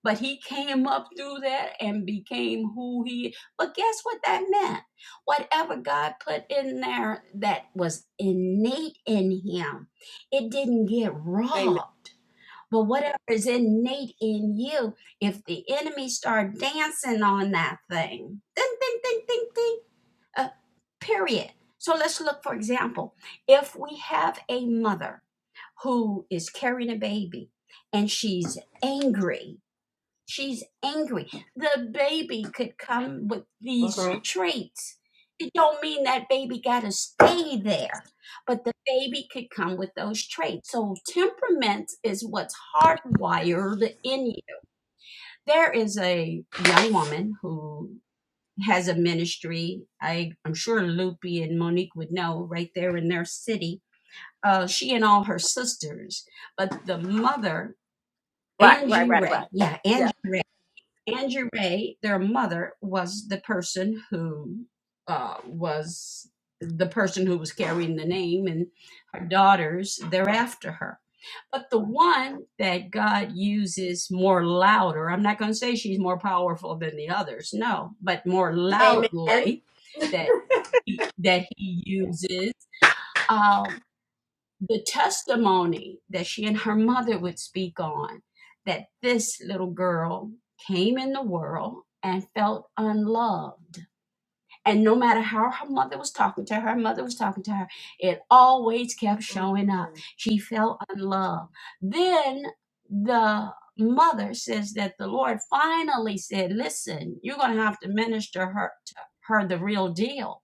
S1: But he came up through that and became who he. But guess what that meant? Whatever God put in there that was innate in him, it didn't get
S3: Amen.
S1: robbed but whatever is innate in you, if the enemy start dancing on that thing, ding, ding, ding, ding, ding, uh, period. So let's look, for example, if we have a mother who is carrying a baby and she's angry She's angry. The baby could come with
S3: hmm
S1: these traits. It don't mean that baby got to stay there, but the baby could come with those traits. So temperament is what's hardwired in you. There is a young woman who has a ministry. I, I'm sure Loopy and Monique would know right there in their city. Uh, she and all her sisters, but the mother,
S3: Right. Right.
S1: Angie
S3: Right.
S1: Ray.
S3: Right.
S1: Yeah,
S3: Yeah.
S1: Angie Ray Andrew Ray, their mother, was the person who uh, was the person who was carrying the name, and her daughters
S3: Right.
S1: thereafter her. But the one that God uses more louder, I'm not going to say she's more powerful than the others, no, but more
S3: Amen.
S1: loudly that he, that He uses. um, the testimony that she and her mother would speak on that this little girl came in the world and felt unloved. And no matter how her mother was talking to her, her mother was talking to her, it always kept showing up.
S3: Mm-hmm.
S1: She felt unloved. Then the mother says that the Lord finally said, Listen, you're going to have to minister her to her the real deal.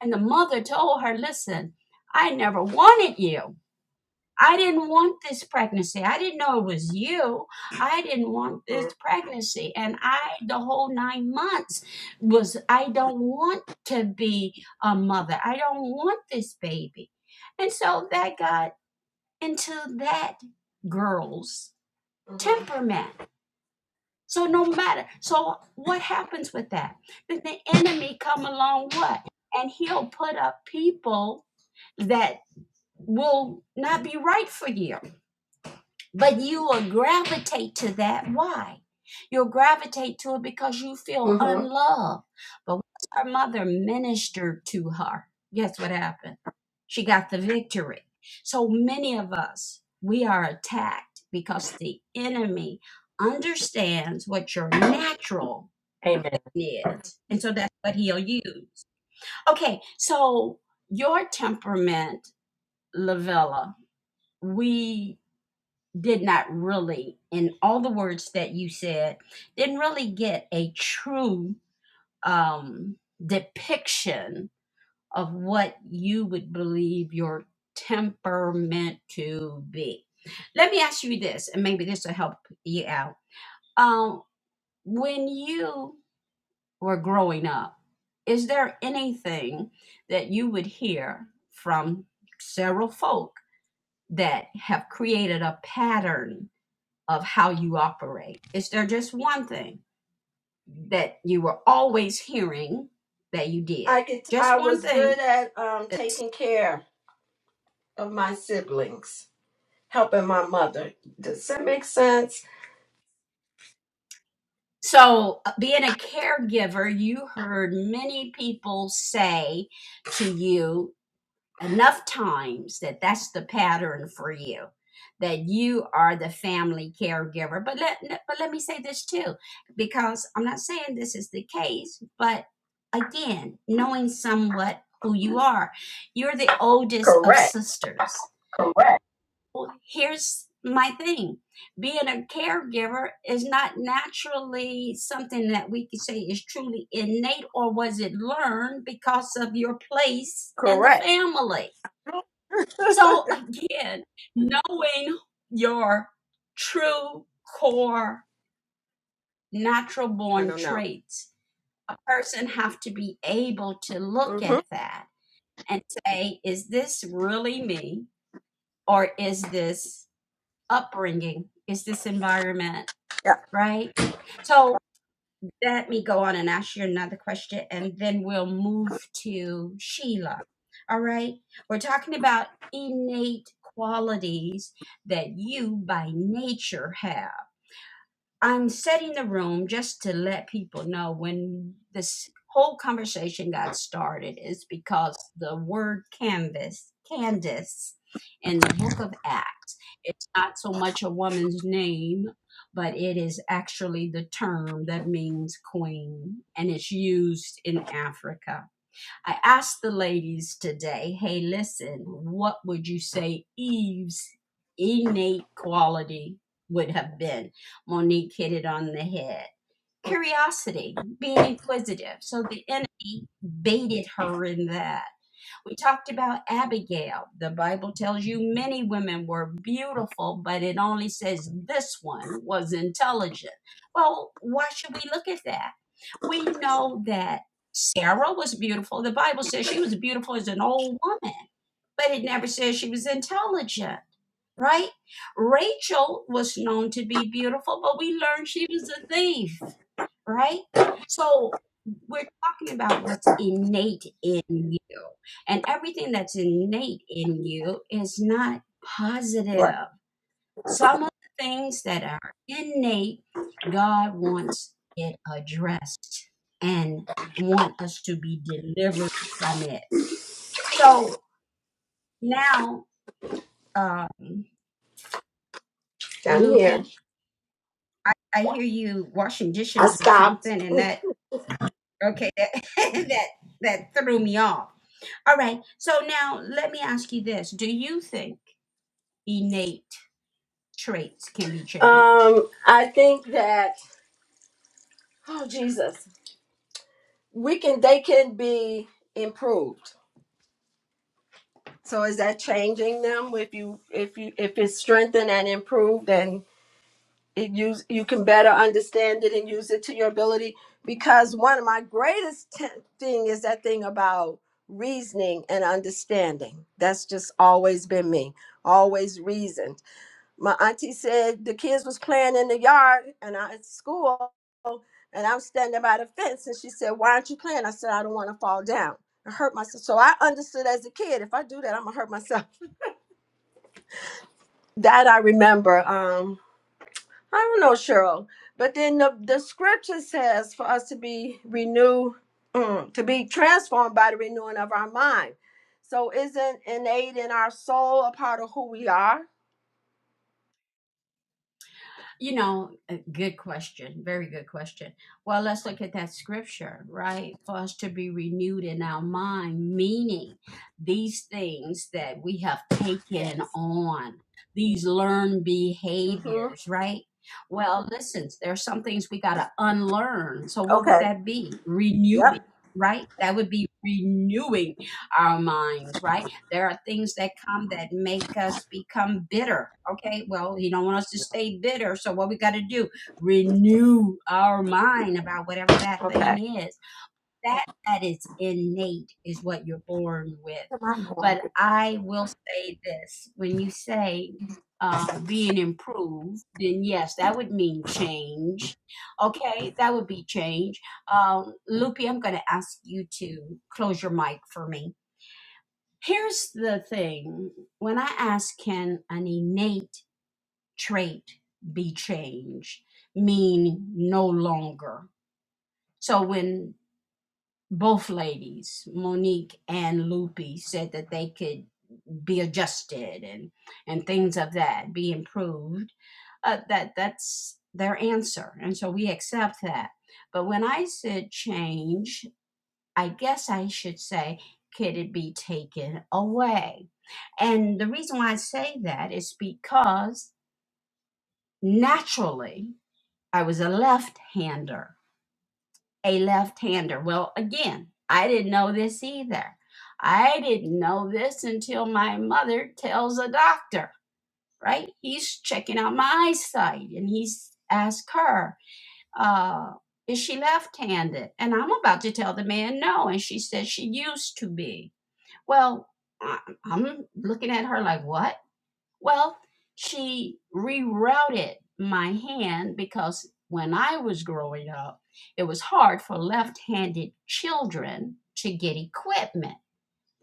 S1: And the mother told her, Listen, I never wanted you. I didn't want this pregnancy. I didn't know it was you. I didn't want this pregnancy. And I, the whole nine months, was I don't want to be a mother. I don't want this baby. And so that got into that girl's
S3: hmm
S1: temperament. So no matter, so what happens with that? Then the enemy come along what? And he'll put up people that will not be right for you but you will gravitate to that. Why? You'll gravitate to it because you feel
S3: hmm
S1: unloved. But once her mother ministered to her, guess what happened? She got the victory. So many of us, we are attacked because the enemy understands what your natural
S3: Amen.
S1: is. And so that's what he'll use. Okay, so your temperament, Lavella, we did not really, in all the words that you said, didn't really get a true um, depiction of what you would believe your temperament to be. Let me ask you this, and maybe this will help you out. Um, when you were growing up, is there anything that you would hear from several folk that have created a pattern of how you operate? Is there just one thing that you were always hearing that you did?
S3: I could.
S1: Just
S3: I
S1: one
S3: was good
S1: thing.
S3: at um, taking care of my siblings, helping my mother. Does that make sense?
S1: So, uh, being a caregiver, you heard many people say to you enough times that that's the pattern for you that you are the family caregiver but let but let me say this too because I'm not saying this is the case but again knowing somewhat who you are you're the oldest of
S3: Correct.
S1: sisters well here's my thing being a caregiver is not naturally something that we could say is truly innate or was it learned because of your place in the
S3: Correct.
S1: family so
S3: I
S1: again, knowing your true core natural born
S3: don't know.
S1: traits, a person have to be able to look
S3: hmm
S1: at that and say, is this really me or is this upbringing? Is this environment,
S3: Yeah.
S1: right? So Let me go on and ask you another question, and then we'll move to Sheila. All right. We're talking about innate qualities that you by nature have. I'm setting the room just to let people know when this whole conversation got started is because the word canvas, Candace, in the book of Acts, it's not so much a woman's name, but it is actually the term that means queen, and it's used in Africa I asked the ladies today, hey, listen, what would you say Eve's innate quality would have been? Monique hit it on the head. Curiosity, being inquisitive. So the enemy baited her in that. We talked about Abigail. The Bible tells you many women were beautiful, but it only says this one was intelligent. Well, why should we look at that? We know that Sarah was beautiful. The Bible says she was beautiful as an old woman, but it never says she was intelligent, right? Rachel was known to be beautiful, but we learned she was a thief, right? So we're talking about what's innate in you, and everything that's innate in you is not
S3: Right.
S1: positive. Some of the things that are innate, God wants it addressed and want us to be delivered from it. So now, um,
S3: Down here.
S1: Loopy, I, I hear you washing
S3: I
S1: dishes or
S3: stopped.
S1: something, and that okay, that that that threw me off. All right. So now let me ask you this: Do you think innate traits can be changed?
S3: Um, I think that oh Jesus. We can they can be improved. So is that changing them if you if you if it's strengthened and improved and it use you can better understand it and use it to your ability? Because one of my greatest t- thing is that thing about reasoning and understanding. That's just always been me. Always reason. my auntie said the kids was playing in the yard and I at school and I'm standing by the fence and she said, Why aren't you playing? I said, I don't want to fall down. I hurt myself. So I understood as a kid, if I do that, I'm gonna hurt myself. That I remember. Um, I don't know, Cheryl. But then the, the scripture says for us to be renewed, mm, to be transformed by the renewing of our mind. So isn't innate in our soul a part of who we are?
S1: You know, a good question. Very good question. Well, let's look at that scripture, right? For us to be renewed in our mind, meaning these things that we have taken
S3: Yes.
S1: on, these learned
S3: Mm-hmm.
S1: behaviors, right? Well, listen, there's some things we got to unlearn. So, what would
S3: Okay.
S1: that be? Renewing,
S3: Yep.
S1: right? That would be renewing our minds, right? There are things that come that make us become bitter. Okay, well, he don't want us to stay bitter. So what we got to do? Renew our mind about whatever that
S3: Okay.
S1: thing is. That that is innate is what you're born with.
S3: Am going
S1: But
S3: to-
S1: I will say this: when you say uh, being improved, then yes, that would mean change. Okay, that would be change. Um, Loopy, I'm going to ask you to close your mic for me. Here's the thing when I ask, can an innate trait be changed? Mean no longer. So when both ladies, Monique and Lupi, said that they could be adjusted and, and things of that, be improved, uh, that that's their answer. And so we accept that. But when I said change, I guess I should say, could it be taken away? And the reason why I say that is because naturally I was a left hander, a left hander. Well, again, I didn't know this either. I didn't know this until my mother tells a doctor, right? He's checking out my eyesight and he's asked her, uh, is she left handed? And I'm about to tell the man no. And she says she used to be. Well, I, I'm looking at her like, what? Well, she rerouted my hand because when I was growing up, it was hard for left handed children to get equipment.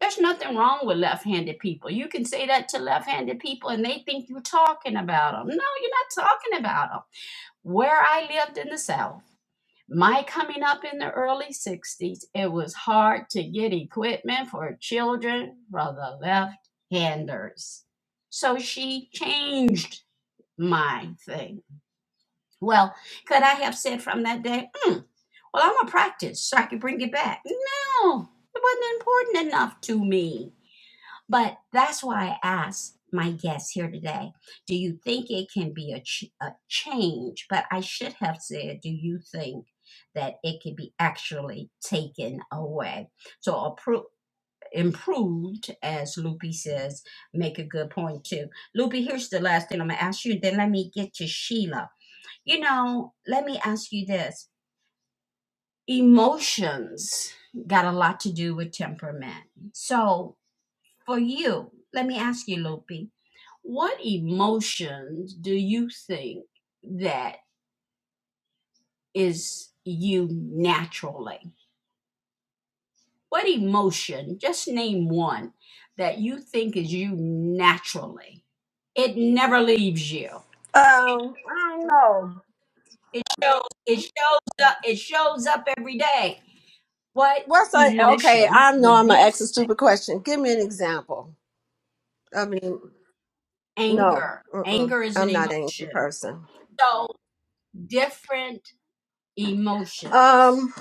S1: There's nothing wrong with left handed people. You can say that to left handed people and they think you're talking about them. No, you're not talking about them. Where I lived in the South, my coming up in the early 60s, it was hard to get equipment for children for the left handers. So she changed my thing. Well, could I have said from that day, "Hmm, well, I'm going to practice so I can bring it back? No, it wasn't important enough to me. But that's why I asked my guest here today, do you think it can be a, ch- a change? But I should have said, do you think that it could be actually taken away? So appro- improved, as Loopy says, make a good point too. Loopy, here's the last thing I'm gonna ask you, then let me get to Sheila. You know, let me ask you this. Emotions got a lot to do with temperament. So for you, let me ask you, Lopi, what emotions do you think that is you naturally? What emotion, just name one, that you think is you naturally? It never leaves you.
S3: Um, I don't know.
S1: It shows it shows up it shows up every day. What
S3: What's a okay?
S1: emotion
S3: I know
S1: would
S3: I'm gonna
S1: you
S3: ask a
S1: say?
S3: stupid question. Give me an example. I mean, no,
S1: Anger.
S3: mm-mm,
S1: Anger is an
S3: I'm not an angry
S1: emotion.
S3: person.
S1: So different emotions.
S3: Um,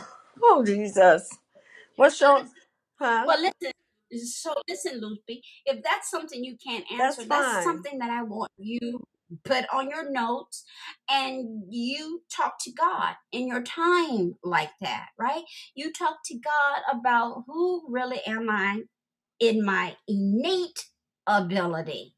S3: oh Jesus, what's your? Huh?
S1: Well, listen. So listen, Loopy. If that's something you can't answer,
S3: That's
S1: that's
S3: fine.
S1: something that I want you put on your notes and you talk to God in your time like that, right? You talk to God about who really am I in my innate ability.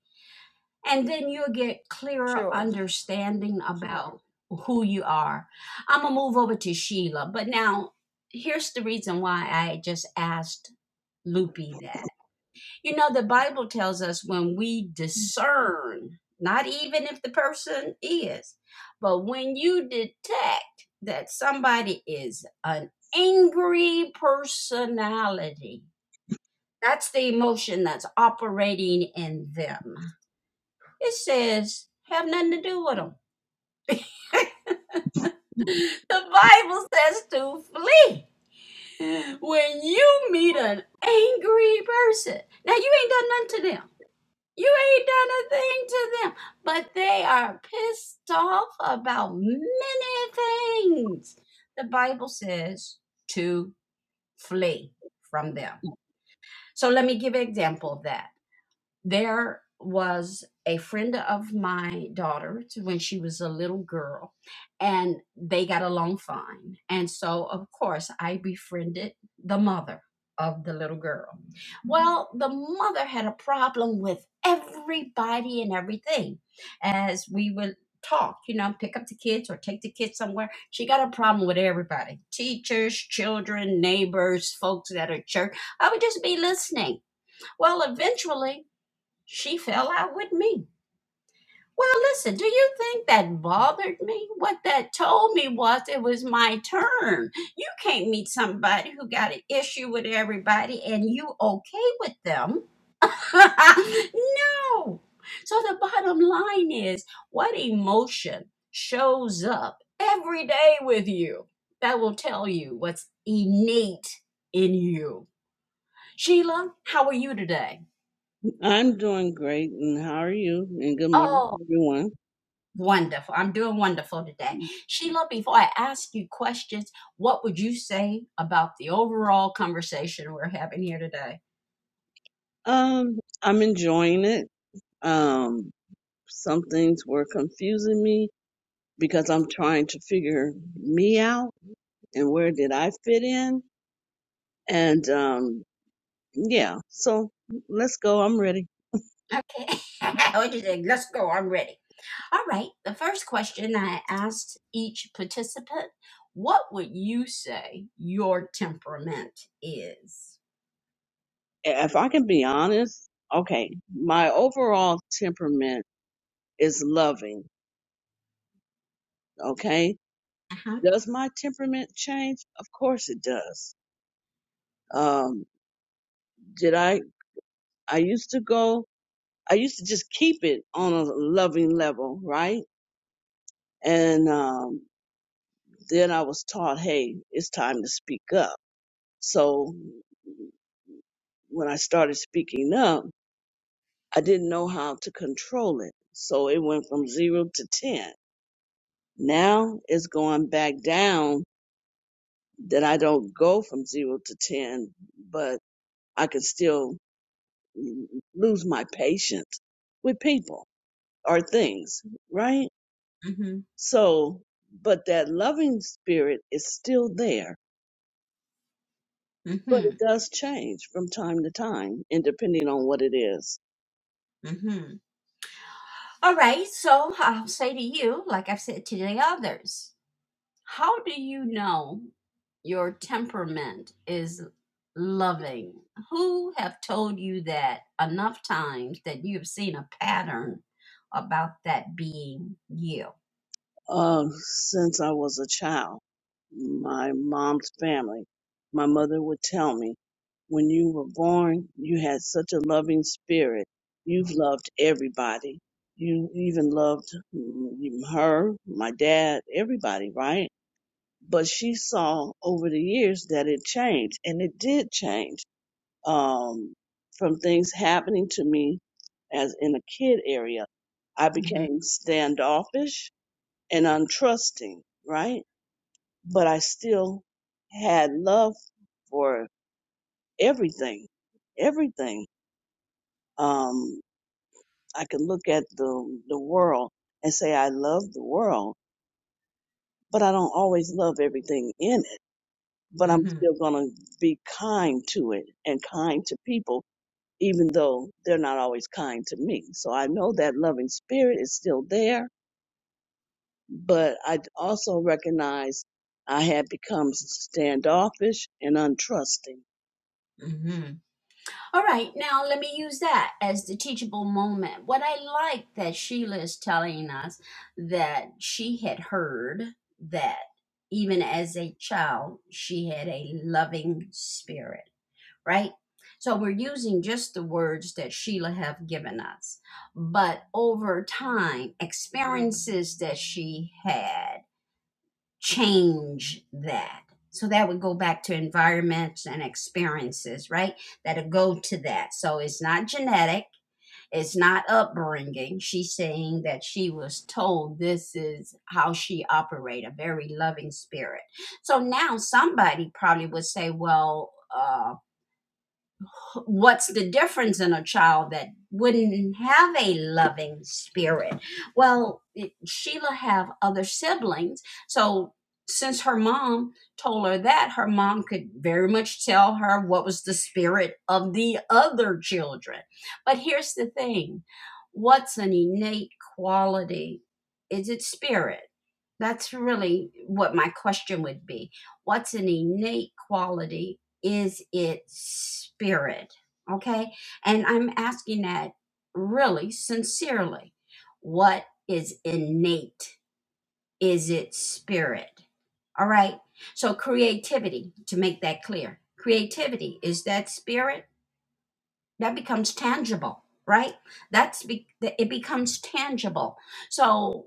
S1: And then you'll get clearer
S3: Sure.
S1: understanding about who you are. I'm gonna move over to Sheila, but now here's the reason why I just asked Loopy that you know, the Bible tells us when we discern, not even if the person is, but when you detect that somebody is an angry personality, that's the emotion that's operating in them. It says, have nothing to do with them. the Bible says to flee when you meet an angry person. Now, you ain't done nothing to them You ain't done a thing to them. But they are pissed off about many things. The Bible says to flee from them. So let me give an example of that there was a friend of my daughter to when she was a little girl and they got along fine and so of course i befriended the mother of the little girl well the mother had a problem with everybody and everything as we would talk you know pick up the kids or take the kids somewhere she got a problem with everybody teachers children neighbors folks at her church i would just be listening well eventually she fell out with me. Well, listen, do you think that bothered me? What that told me was it was my turn. You can't meet somebody who got an issue with everybody and you okay with them. no. So the bottom line is what emotion shows up every day with you that will tell you what's innate in you. Sheila, how are you today?
S4: I'm doing great, and how are you? And good morning,
S1: Oh.
S4: to everyone.
S1: Wonderful. I'm doing wonderful today. Sheila, before I ask you questions, what would you say about the overall conversation we're having here today?
S4: Um, I'm enjoying it. Um, some things were confusing me because I'm trying to figure me out and where did I fit in. And um, yeah, so let's go. I'm ready.
S1: Okay. okay, let's go. I'm ready. All right. The first question I asked each participant what would you say your temperament is?
S4: If I can be honest, okay, my overall temperament is loving. Okay,
S1: Uh-huh.
S4: does my temperament change? Of course it does. Um, did I I used to go I used to just keep it on a loving level, right? And um, then I was taught, hey, it's time to speak up. So when I started speaking up, I didn't know how to control it. So it went from zero to 10. Now it's going back down that I don't go from zero to 10, but I can still lose my patience with people or things, right?
S1: Mhm,
S4: So, but that loving spirit is still there, but it
S1: mhm,
S4: does change from time to time and depending on what it is.
S1: mhm. All right, so I'll say to you, like I've said to the others, how do you know your temperament is loving? Who have told you that enough times that you've seen a pattern about that being you?
S4: Uh, since I was a child, my mom's family, my mother would tell me, when you were born, you had such a loving spirit. You've loved everybody. You even loved mm, her, my dad, everybody, right? But she saw over the years that it changed and it did change um, from things happening to me as in a kid area, I
S1: hmm
S4: became standoffish and untrusting, right? But I still had love for everything, everything. Um, I can look at the, the world and say, I love the world, but I don't always love everything in it. But I'm
S1: hmm
S4: still going to be kind to it and kind to people even though they're not always kind to me. So I know that loving spirit is still there, but I also recognize I had become standoffish and untrusting
S1: hmm All right, now let me use that as the teachable moment. What I like that Sheila is telling us that she had heard that even as a child, she had a loving spirit, right? So we're using just the words that Sheila have given us. But over time, experiences that she had change that. So that would go back to environments and experiences, right? That'll go to that. So it's not genetic, it's not upbringing. She's saying that she was told this is how she operated a very loving spirit. So now somebody probably would say, well, uh, what's the difference in a child that wouldn't have a loving spirit? Well, Sheila have other siblings, so since her mom told her that, her mom could very much tell her what was the spirit of the other children. But here's the thing: what's an innate quality? Is it spirit? That's really what my question would be. What's an innate quality is its spirit. Okay. And I'm asking that really sincerely. What is innate? Is its spirit? All right. So, creativity, to make that clear, creativity is that spirit that becomes tangible, right? That's be- it becomes tangible. So,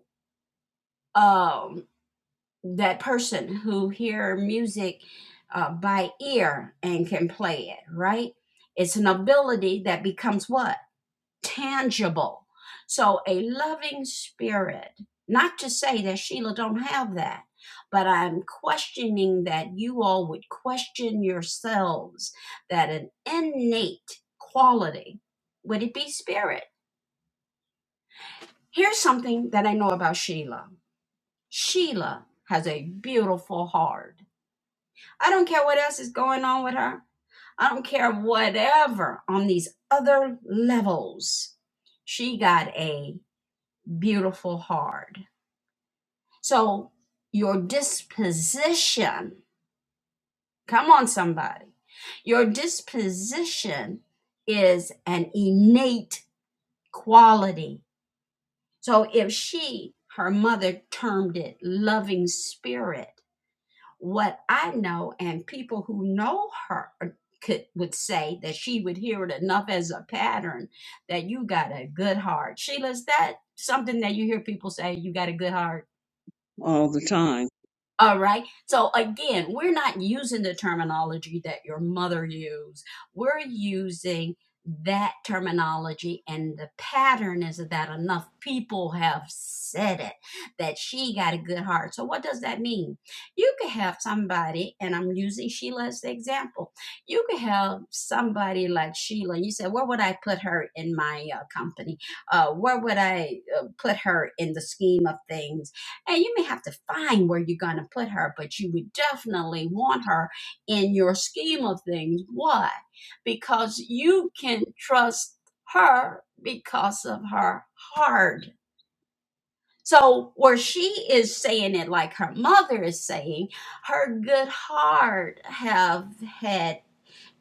S1: uh, that person who hear music uh, by ear and can play it right it's an ability that becomes what tangible so a loving spirit not to say that sheila don't have that but i'm questioning that you all would question yourselves that an innate quality would it be spirit here's something that i know about sheila sheila has a beautiful heart I don't care what else is going on with her. I don't care whatever on these other levels. She got a beautiful heart. So your disposition, come on, somebody, your disposition is an innate quality. So if she, her mother termed it loving spirit, what I know, and people who know her could would say that she would hear it enough as a pattern that you got a good heart. Sheila, is that something that you hear people say? You got a good heart.
S4: all the time.
S1: All right. So again, we're not using the terminology that your mother used. We're using that terminology, and the pattern is that enough people have said it that she got a good heart. So, what does that mean? You could have somebody, and I'm using Sheila as the example. You could have somebody like Sheila. You said, Where would I put her in my uh, company? Uh, where would I uh, put her in the scheme of things? And you may have to find where you're going to put her, but you would definitely want her in your scheme of things. Why? Because you can trust her because of her heart. So, where she is saying it like her mother is saying, her good heart have had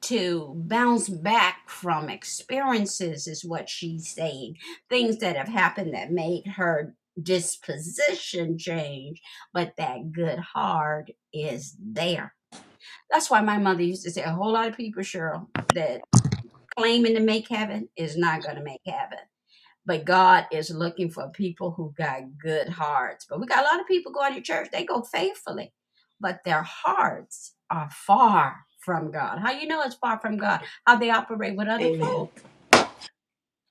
S1: to bounce back from experiences is what she's saying things that have happened that made her disposition change but that good heart is there that's why my mother used to say a whole lot of people cheryl that claiming to make heaven is not going to make heaven but God is looking for people who got good hearts. But we got a lot of people going to church, they go faithfully, but their hearts are far from God. How you know it's far from God? How they operate with other
S3: Amen.
S1: folk.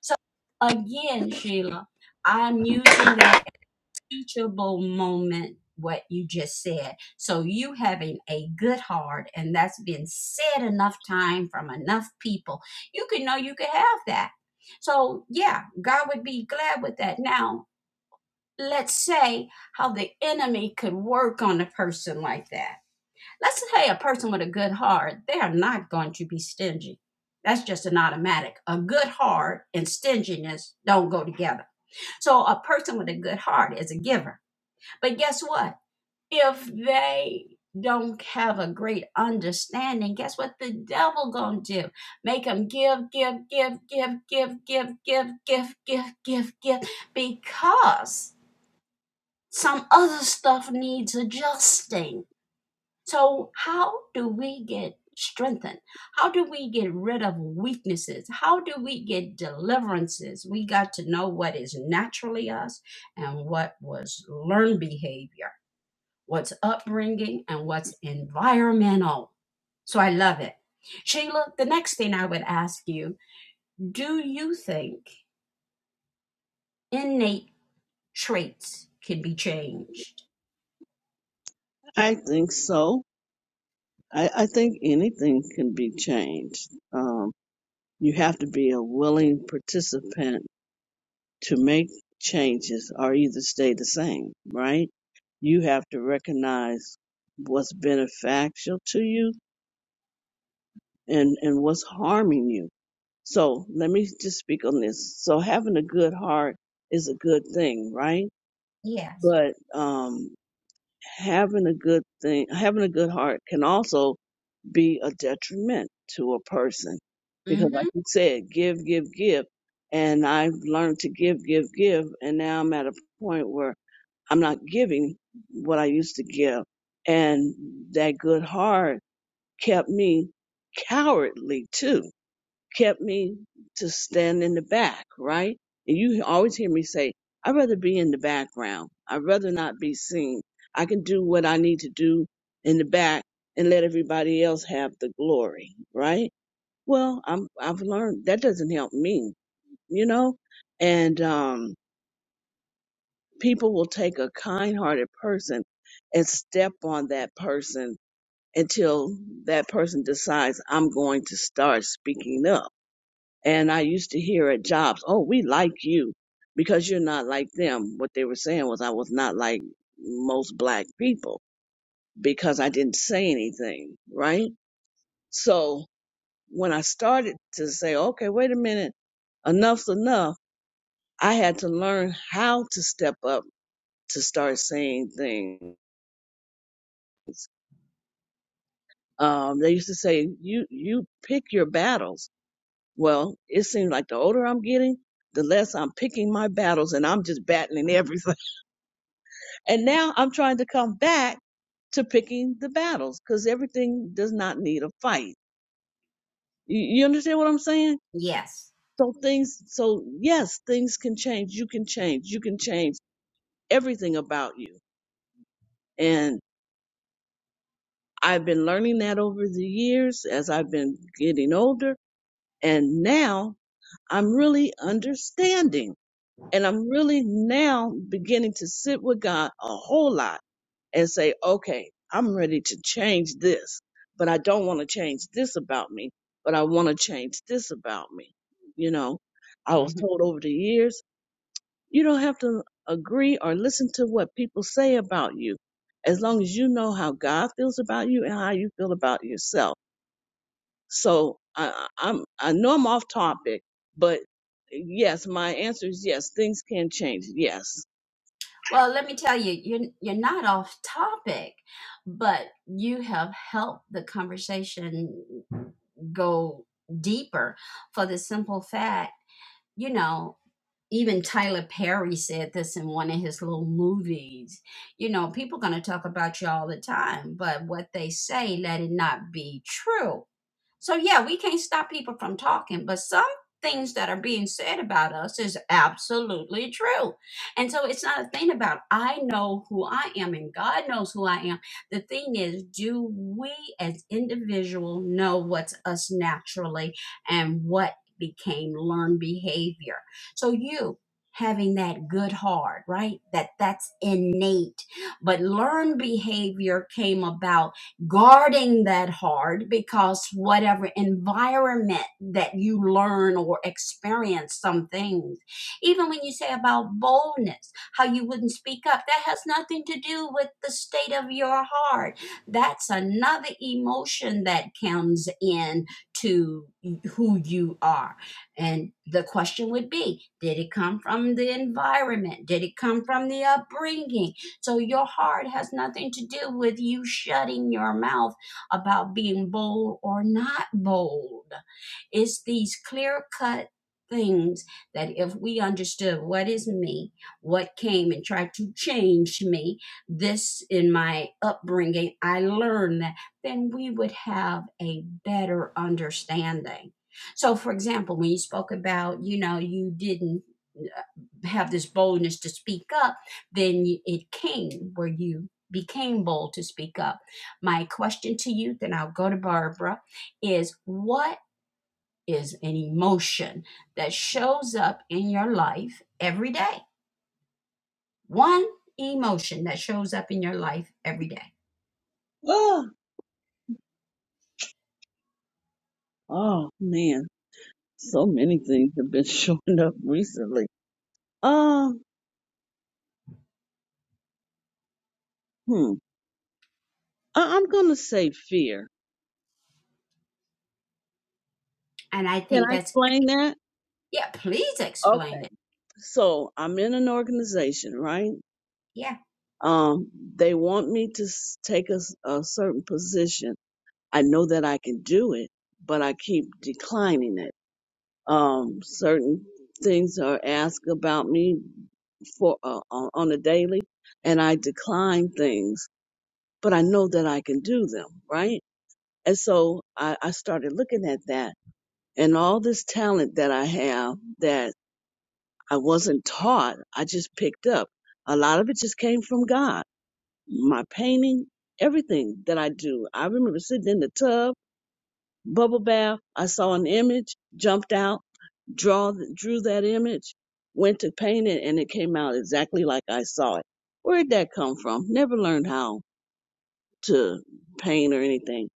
S1: So again, Sheila, I'm using that teachable moment what you just said so you having a good heart and that's been said enough time from enough people you can know you could have that so yeah god would be glad with that now let's say how the enemy could work on a person like that let's say a person with a good heart they are not going to be stingy that's just an automatic a good heart and stinginess don't go together so a person with a good heart is a giver but guess what? If they don't have a great understanding, guess what the devil gonna do? Make them give, give, give, give, give, give, give, give, give, give, give, because some other stuff needs adjusting. So how do we get strengthened? How do we get rid of weaknesses? How do we get deliverances? We got to know what is naturally us and what was learned behavior what's upbringing, and what's environmental. So I love it. Sheila, the next thing I would ask you do you think innate traits can be changed?
S4: I think so. I, I think anything can be changed. Um, you have to be a willing participant to make changes or either stay the same, right? You have to recognize what's beneficial to you and and what's harming you so let me just speak on this so having a good heart is a good thing right
S1: Yes.
S4: but um having a good thing having a good heart can also be a detriment to a person
S1: Mm
S4: because
S1: hmm.
S4: like you said give give give and i've learned to give give give and now i'm at a point where i'm not giving what i used to give and that good heart kept me cowardly too kept me to stand in the back, right? And you always hear me say, I'd rather be in the background. I'd rather not be seen. I can do what I need to do in the back and let everybody else have the glory, right? Well, I'm, I've learned that doesn't help me, you know? And, um, people will take a kind hearted person and step on that person until that person decides I'm going to start speaking up and I used to hear at jobs, oh, we like you because you're not like them. What they were saying was I was not like most black people because I didn't say anything, right? So when I started to say, okay, wait a minute, enough's enough, I had to learn how to step up to start saying things. Um, they used to say, you, you pick your battles. Well, it seems like the older I'm getting, the less I'm picking my battles and I'm just battling everything And now I'm trying to come back to picking the battles because everything does not need a fight. You, you understand what I'm saying?
S1: Yes.
S4: So things, so yes, things can change. You can change. You can change everything about you. And I've been learning that over the years as I've been getting older. And now I'm really understanding and I'm really now beginning to sit with God a whole lot and say, okay, I'm ready to change this, but I don't want to change this about me, but I want to change this about me. You know, I
S1: Mm-hmm.
S4: was told over the years, you don't have to agree or listen to what people say about you as long as you know how God feels about you and how you feel about yourself. So I, I- am I know I'm off topic, but yes, my answer is yes, things can change. Yes.
S1: Well, let me tell you, you're you're not off topic, but you have helped the conversation go deeper for the simple fact, you know, even Tyler Perry said this in one of his little movies. You know, people going to talk about you all the time, but what they say, let it not be true. So yeah, we can't stop people from talking, but some things that are being said about us is absolutely true. And so it's not a thing about I know who I am and God knows who I am. The thing is, do we as individual know what's us naturally and what became learned behavior? So you having that good heart, right? That that's innate. But learned behavior came about guarding that heart because whatever environment that you learn or experience some things even when you say about boldness how you wouldn't speak up that has nothing to do with the state of your heart that's another emotion that comes in to who you are and the question would be did it come from the environment did it come from the upbringing so your heart has nothing to do with you shutting your mouth about being bold or not bold. It's these clear cut things that if we understood what is me, what came and tried to change me, this in my upbringing, I learned that, then we would have a better understanding. So, for example, when you spoke about, you know, you didn't uh, have this boldness to speak up then it came where you became bold to speak up. My question to you, then I'll go to Barbara, is what is an emotion that shows up in your life every day? One emotion that shows up in your life every day.
S4: Oh, oh man. So many things have been showing up recently. Um, hmm. I- I'm gonna say fear.
S1: And I
S4: Can
S1: think
S4: I
S1: that's,
S4: explain that?
S1: yeah, please
S4: Okay.
S1: explain it.
S4: So I'm in an organization, right?
S1: Yeah.
S4: Um, they want me to s- take a, s- a certain position. I know that I can do it, but I keep declining it. Um, certain things are asked about me for uh, on on a daily, and I decline things, but I know that I can do them, right? And so I, I started looking at that and all this talent that I have that I wasn't taught, I just picked up. A lot of it just came from God. My painting, everything that I do. I remember sitting in the tub, bubble bath. I saw an image, jumped out, draw, drew that image, went to paint it, and it came out exactly like I saw it. Where'd that come from? Never learned how to paint or anything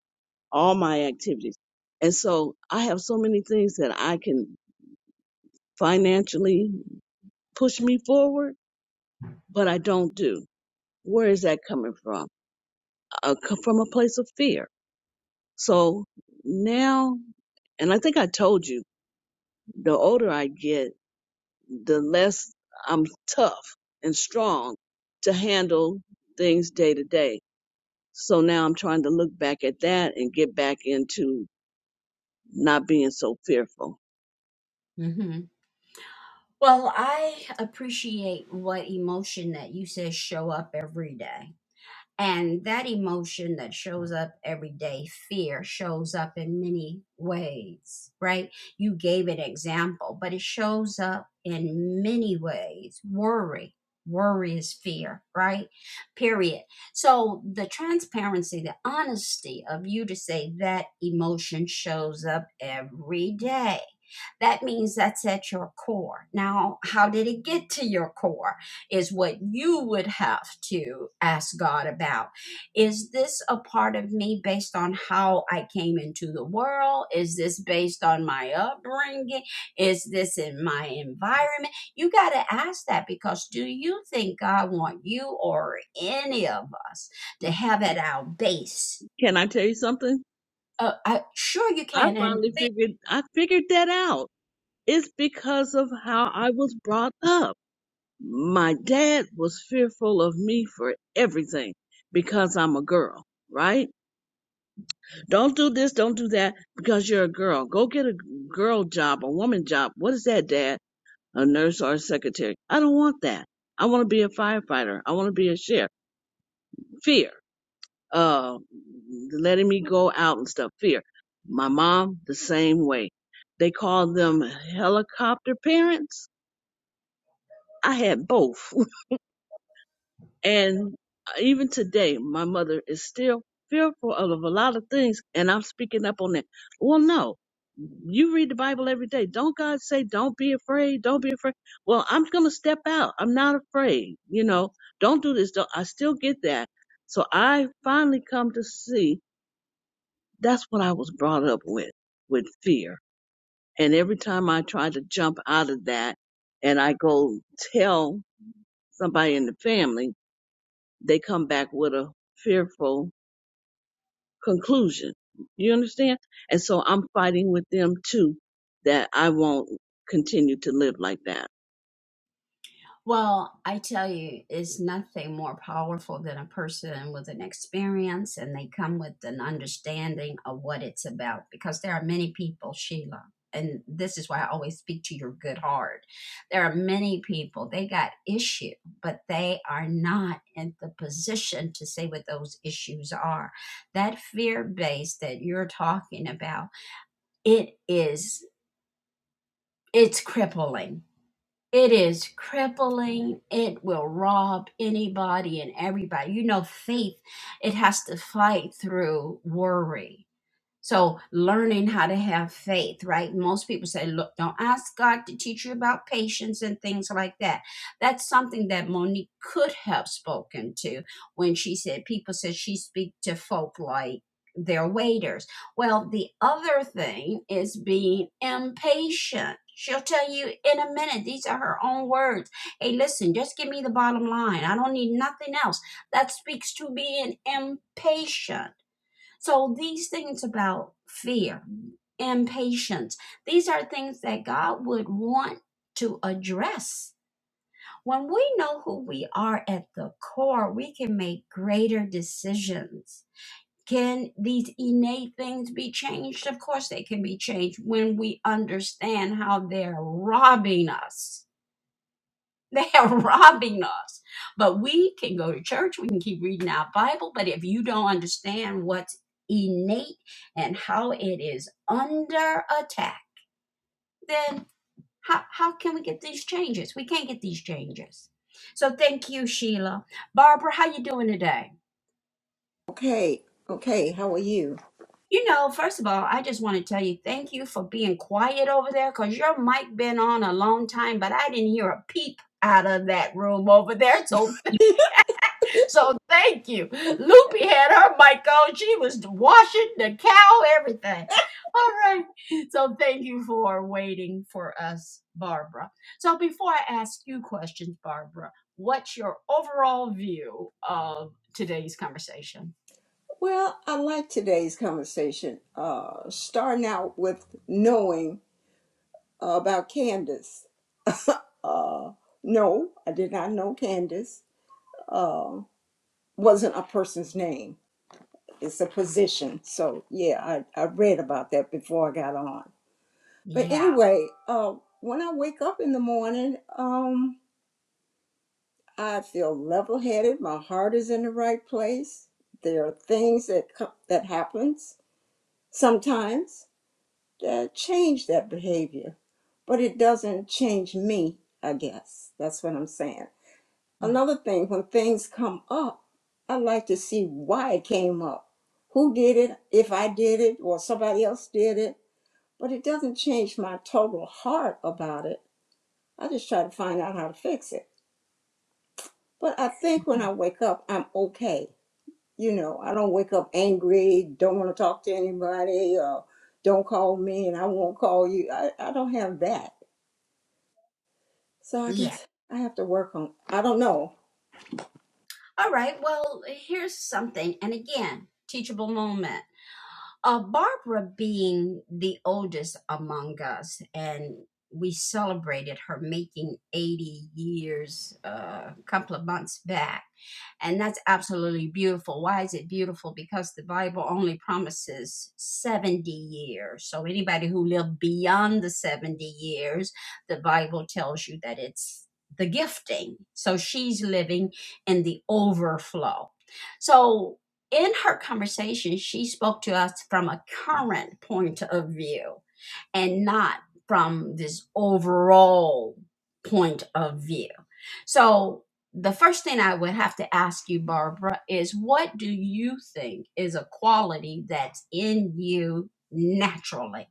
S4: all my activities. And so I have so many things that I can financially push me forward, but I don't do. Where is that coming from? Uh, co- from a place of fear. So now, and I think I told you, the older I get, the less I'm tough and strong to handle things day to day. So now I'm trying to look back at that and get back into not being so fearful.
S1: Mhm. Well, I appreciate what emotion that you said show up every day. And that emotion that shows up every day, fear, shows up in many ways, right? You gave an example, but it shows up in many ways. Worry, worry is fear, right? Period. So the transparency, the honesty of you to say that emotion shows up every day that means that's at your core. Now, how did it get to your core? is what you would have to ask God about. Is this a part of me based on how I came into the world? Is this based on my upbringing? Is this in my environment? You got to ask that because do you think God want you or any of us to have at our base?
S4: Can I tell you something?
S1: Uh, I, sure you
S4: I
S1: can, and
S4: finally figured I figured that out. It's because of how I was brought up. My dad was fearful of me for everything because I'm a girl, right? Don't do this, don't do that because you're a girl. Go get a girl job, a woman job. What is that, dad? A nurse or a secretary. I don't want that. I want to be a firefighter. I want to be a sheriff. Fear. uh, letting me go out and stuff. Fear. My mom, the same way. They called them helicopter parents. I had both. And uh, even today, my mother is still fearful of a lot of things, and I'm speaking up on that. Well, no. You read the Bible every day. Don't God say, don't be afraid, don't be afraid? Well, I'm going to step out. I'm not afraid. You know, don't do this. Don't. I still get that. So I finally come to see That's what I was brought up with, with fear. And every time I try to jump out of that and I go tell somebody in the family, they come back with a fearful conclusion. You understand? And so I'm fighting with them too, that I won't continue to live like that.
S1: Well, I tell you, it's nothing more powerful than a person with an experience and they come with an understanding of what it's about because there are many people, Sheila, and this is why I always speak to your good heart. There are many people, they got issue, but they are not in the position to say what those issues are. That fear base that you're talking about, it is it's crippling it is crippling. It will rob anybody and everybody. You know, faith, it has to fight through worry. So learning how to have faith, right? Most people say, look, don't ask God to teach you about patience and things like that. That's something that Monique could have spoken to when she said people said she speak to folk like their waiters. Well, the other thing is being impatient. She'll tell you in a minute. These are her own words. Hey, listen, just give me the bottom line. I don't need nothing else. That speaks to being impatient so these things about fear, impatience, these are things that God would want to address. When we know who we are at the core, we can make greater decisions. Can these innate things be changed? Of course, they can be changed when we understand how they're robbing us they are robbing us. But we can go to church, we can keep reading our Bible, but if you don't understand what's innate and how it is under attack, then how, how can we get these changes? We can't get these changes. So thank you, Sheila. Barbara, how you doing today?
S5: Okay, okay, how are you?
S1: You know, first of all, I just want to tell you thank you for being quiet over there because your mic been on a long time, but I didn't hear a peep out of that room over there. So So thank you. Loopy had her mic on. She was washing the cow, everything. All right. So thank you for waiting for us, Barbara. So before I ask you questions, Barbara, what's your overall view of today's conversation?
S5: Well, I like today's conversation. Uh, starting out with knowing uh, about Candace. Uh, no, I did not know Candace. Uh, wasn't a person's name, it's a position. So, yeah, I, I read about that before I got on. But
S1: Yeah.
S5: anyway, uh, when I wake up in the morning, um, I feel level headed. My heart is in the right place. There are things that, co- that happens sometimes that change that behavior, but it doesn't change me, I guess. That's what I'm saying. Another thing, when things come up, I like to see why it came up, who did it, if I did it, or somebody else did it, but it doesn't change my total heart about it. I just try to find out how to fix it. But I think when
S1: Mhm.
S5: I wake up, I'm okay. you know, I don't wake up angry, don't want to talk to anybody, or don't call me and I won't call you. I, I don't have that. So I
S1: Yeah.
S5: guess I have to work on, I don't know,
S1: All right. Well, here's something. And again, teachable moment. Uh, Barbara being the oldest among us, and we celebrated her making 80 years uh, a couple of months back. And that's absolutely beautiful. Why is it beautiful? Because the Bible only promises 70 years. So anybody who lived beyond the 70 years, the Bible tells you that it's the gifting. So she's living in the overflow. So in her conversation, she spoke to us from a current point of view and not from this overall point of view. So, the first thing I would have to ask you, Barbara, is what do you think is a quality that's in you naturally?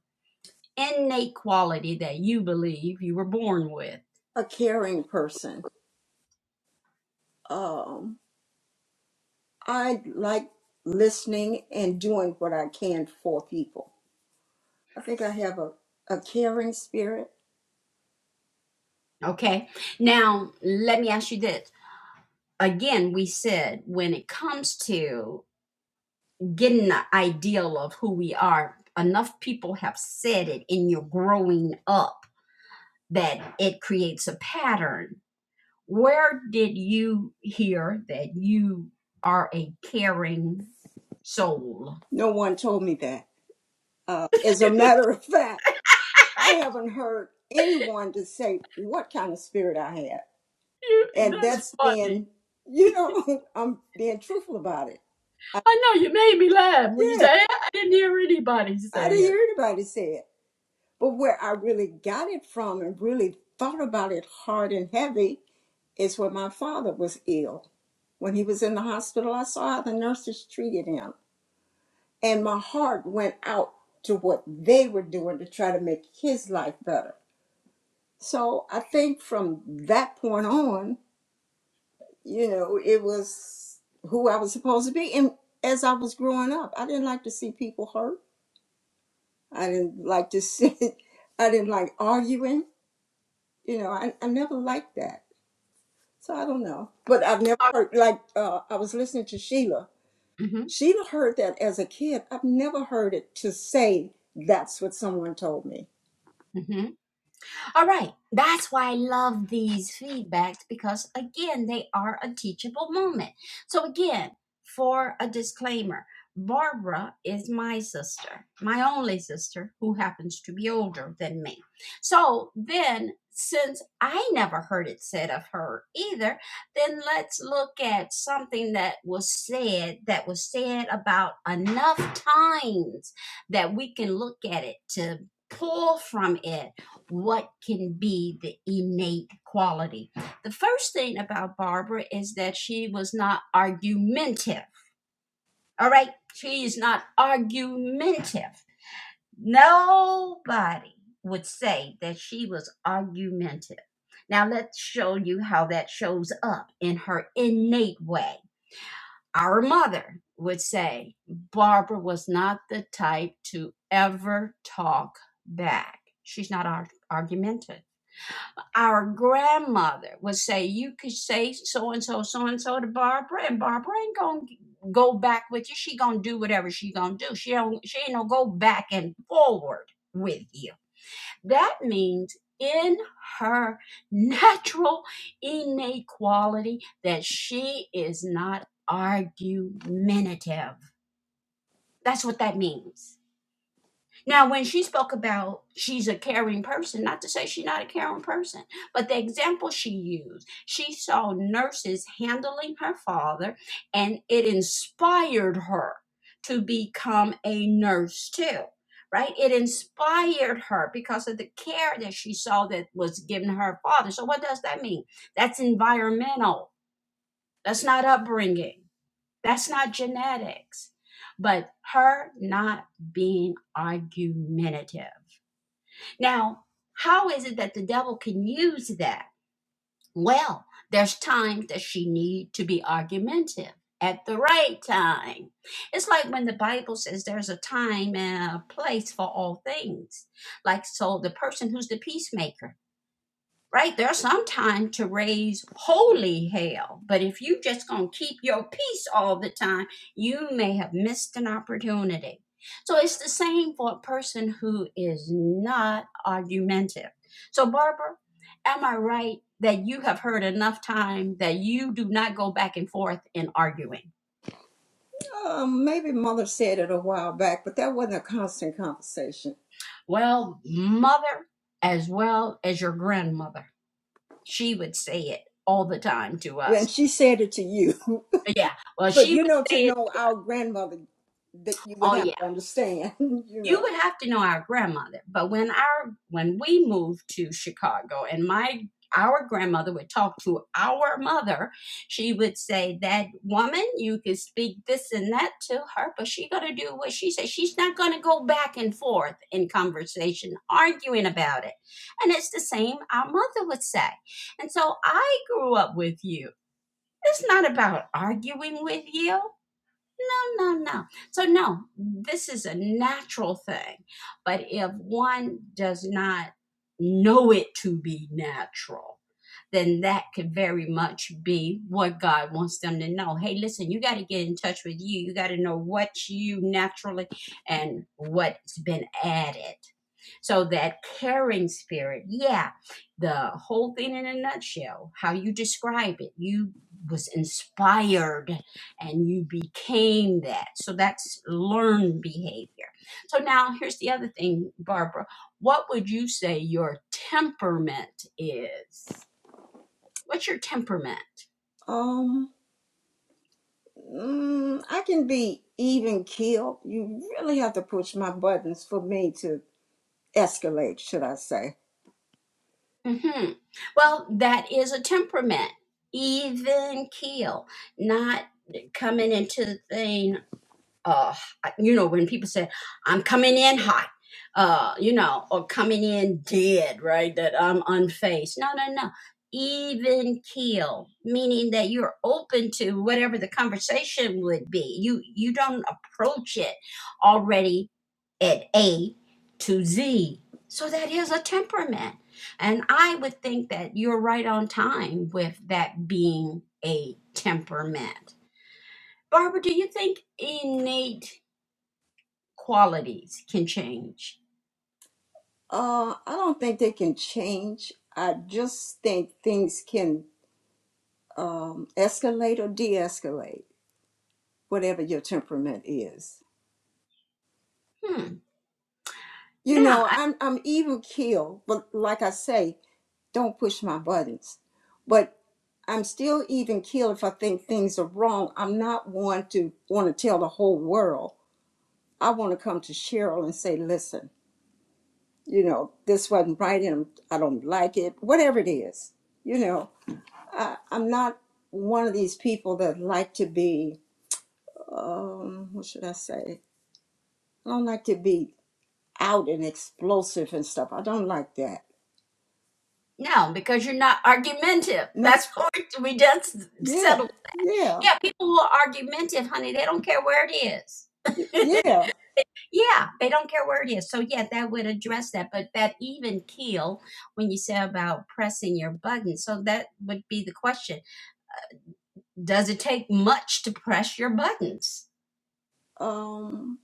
S1: innate quality that you believe you were born with.
S5: a caring person. Um, I like listening and doing what I can for people. I think I have a, a caring spirit.
S1: Okay. Now, let me ask you this. Again, we said when it comes to getting the ideal of who we are, enough people have said it in your growing up that it creates a pattern. where did you hear that you are a caring soul?
S5: No one told me that. Uh, as a matter of fact, I haven't heard anyone to say what kind of spirit I have.
S1: You-
S5: and
S1: That's
S5: that's
S1: funny.
S5: being you know i'm being truthful about it
S1: I know you made me laugh when you
S5: yeah
S1: said I didn't hear anybody
S5: i
S1: say
S5: didn't hear anybody say it but where i really got it from and really thought about it hard and heavy is when my father was ill when he was in the hospital i saw how the nurses treated him and my heart went out to what they were doing to try to make his life better so i think from that point on you know, it was who I was supposed to be. And as I was growing up, I didn't like to see people hurt. I didn't like to see, I didn't like arguing. You know, I, I never liked that. So I don't know. But I've never heard, like, uh, I was listening to Sheila.
S1: it.
S5: Sheila heard that as a kid. I've never heard it to say that's what someone told me.
S1: hmm All right, that's why I love these feedbacks because again, they are a teachable moment. So, again, for a disclaimer, Barbara is my sister, my only sister who happens to be older than me. So, then since I never heard it said of her either, then let's look at something that was said that was said about enough times that we can look at it to pull from it what can be the innate quality. The first thing about Barbara is that she was not argumentative. All right, she is not argumentative. Nobody would say that she was argumentative. Now let's show you how that shows up in her innate way. Our mother would say Barbara was not the type to ever talk back. She's not ar- argumentative our grandmother would say, "You could say so and so, so and so to Barbara, and Barbara ain't gonna go back with you. She gonna do whatever she gonna do. She don't. She ain't gonna go back and forward with you." That means in her natural innate quality that she is not argumentative. That's what that means. Now, when she spoke about she's a caring person, not to say she's not a caring person, but the example she used, she saw nurses handling her father, and it inspired her to become a nurse too. Right? It inspired her because of the care that she saw that was given her father. So, what does that mean? That's environmental. That's not upbringing. That's not genetics. But her not being argumentative now, how is it that the devil can use that? Well, there's times that she need to be argumentative at the right time. It's like when the Bible says there's a time and a place for all things. Like so the person who's the peacemaker right? There's some time to raise holy hell, but if you just gonna keep your peace all the time, you may have missed an opportunity. So it's the same for a person who is not argumentative. So Barbara, am I right that you have heard enough time that you do not go back and forth in arguing?
S5: Um, maybe mother said it a while back, but that wasn't a constant conversation.
S1: Well, mother as well as your grandmother, she would say it all the time to
S5: When
S1: us.
S5: she said it to you,
S1: Yeah, well, she
S5: But you
S1: would
S5: know, to
S1: say it.
S5: know our grandmother, that you would
S1: Oh, yeah.
S5: have to understand, you
S1: you
S5: know.
S1: would have to know our grandmother but when our when we moved to chicago and my our grandmother would talk to our mother she would say that woman you can speak this and that to her but she got to do what she says she's not going to go back and forth in conversation arguing about it and it's the same our mother would say and so i grew up with you it's not about arguing with you no, no, no. So, no, this is a natural thing. But if one does not know it to be natural, then that could very much be what God wants them to know. Hey, listen, you got to get in touch with you. You got to know what you naturally and what's been added. So that caring spirit, yeah, the whole thing in a nutshell, how you describe it, you was inspired and you became that. So that's learned behavior. So now here's the other thing, Barbara. What would you say your temperament is? What's your temperament?
S5: Um, mm, I can be even killed. You really have to push my buttons for me to escalate, should I say.
S1: hmm Well, that is a temperament, even keel, not coming into the thing. uh you know when people say i'm coming in hot uh you know or coming in dead right that i'm unfazed no no no even keel meaning that you're open to whatever the conversation would be you you don't approach it already at a to z so that is a temperament and i would think that you're right on time with that being a temperament barbara do you think innate qualities can change.
S5: Uh, I don't think they can change. I just think things can um, escalate or de escalate, whatever your temperament is.
S1: Hmm.
S5: You
S1: Now,
S5: know,
S1: I,
S5: I'm, I'm even killed, but like I say, don't push my buttons. But I'm still even keeled if I think things are wrong. I'm not one to want to tell the whole world. I want to come to Cheryl and say, listen, you know, this wasn't right and I don't like it, whatever it is. You know, I, I'm not one of these people that like to be, um, what should I say? I don't like to be out and explosive and stuff. I don't like that.
S1: no, because you're not argumentative.
S5: No,
S1: That's what we, we just
S5: yeah,
S1: settled.
S5: yeah,
S1: Yeah, people who are argumentative, honey, they don't care where it is.
S5: y- yeah.
S1: Yeah, they don't care where it is. So yeah, that would address that. But that even keel when you say about pressing your button. So that would be the question Does it take much to press your buttons?
S5: Um,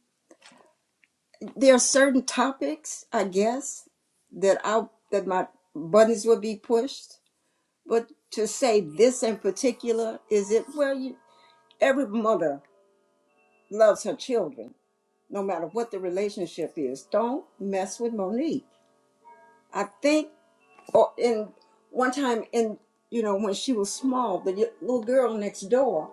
S5: there are certain topics, I guess, that I that my buttons would be pushed. But to say this in particular is it well you every mother loves her children, no matter what the relationship is. Don't mess with Monique. I think or in one time in you know, when she was small, the y- little girl next door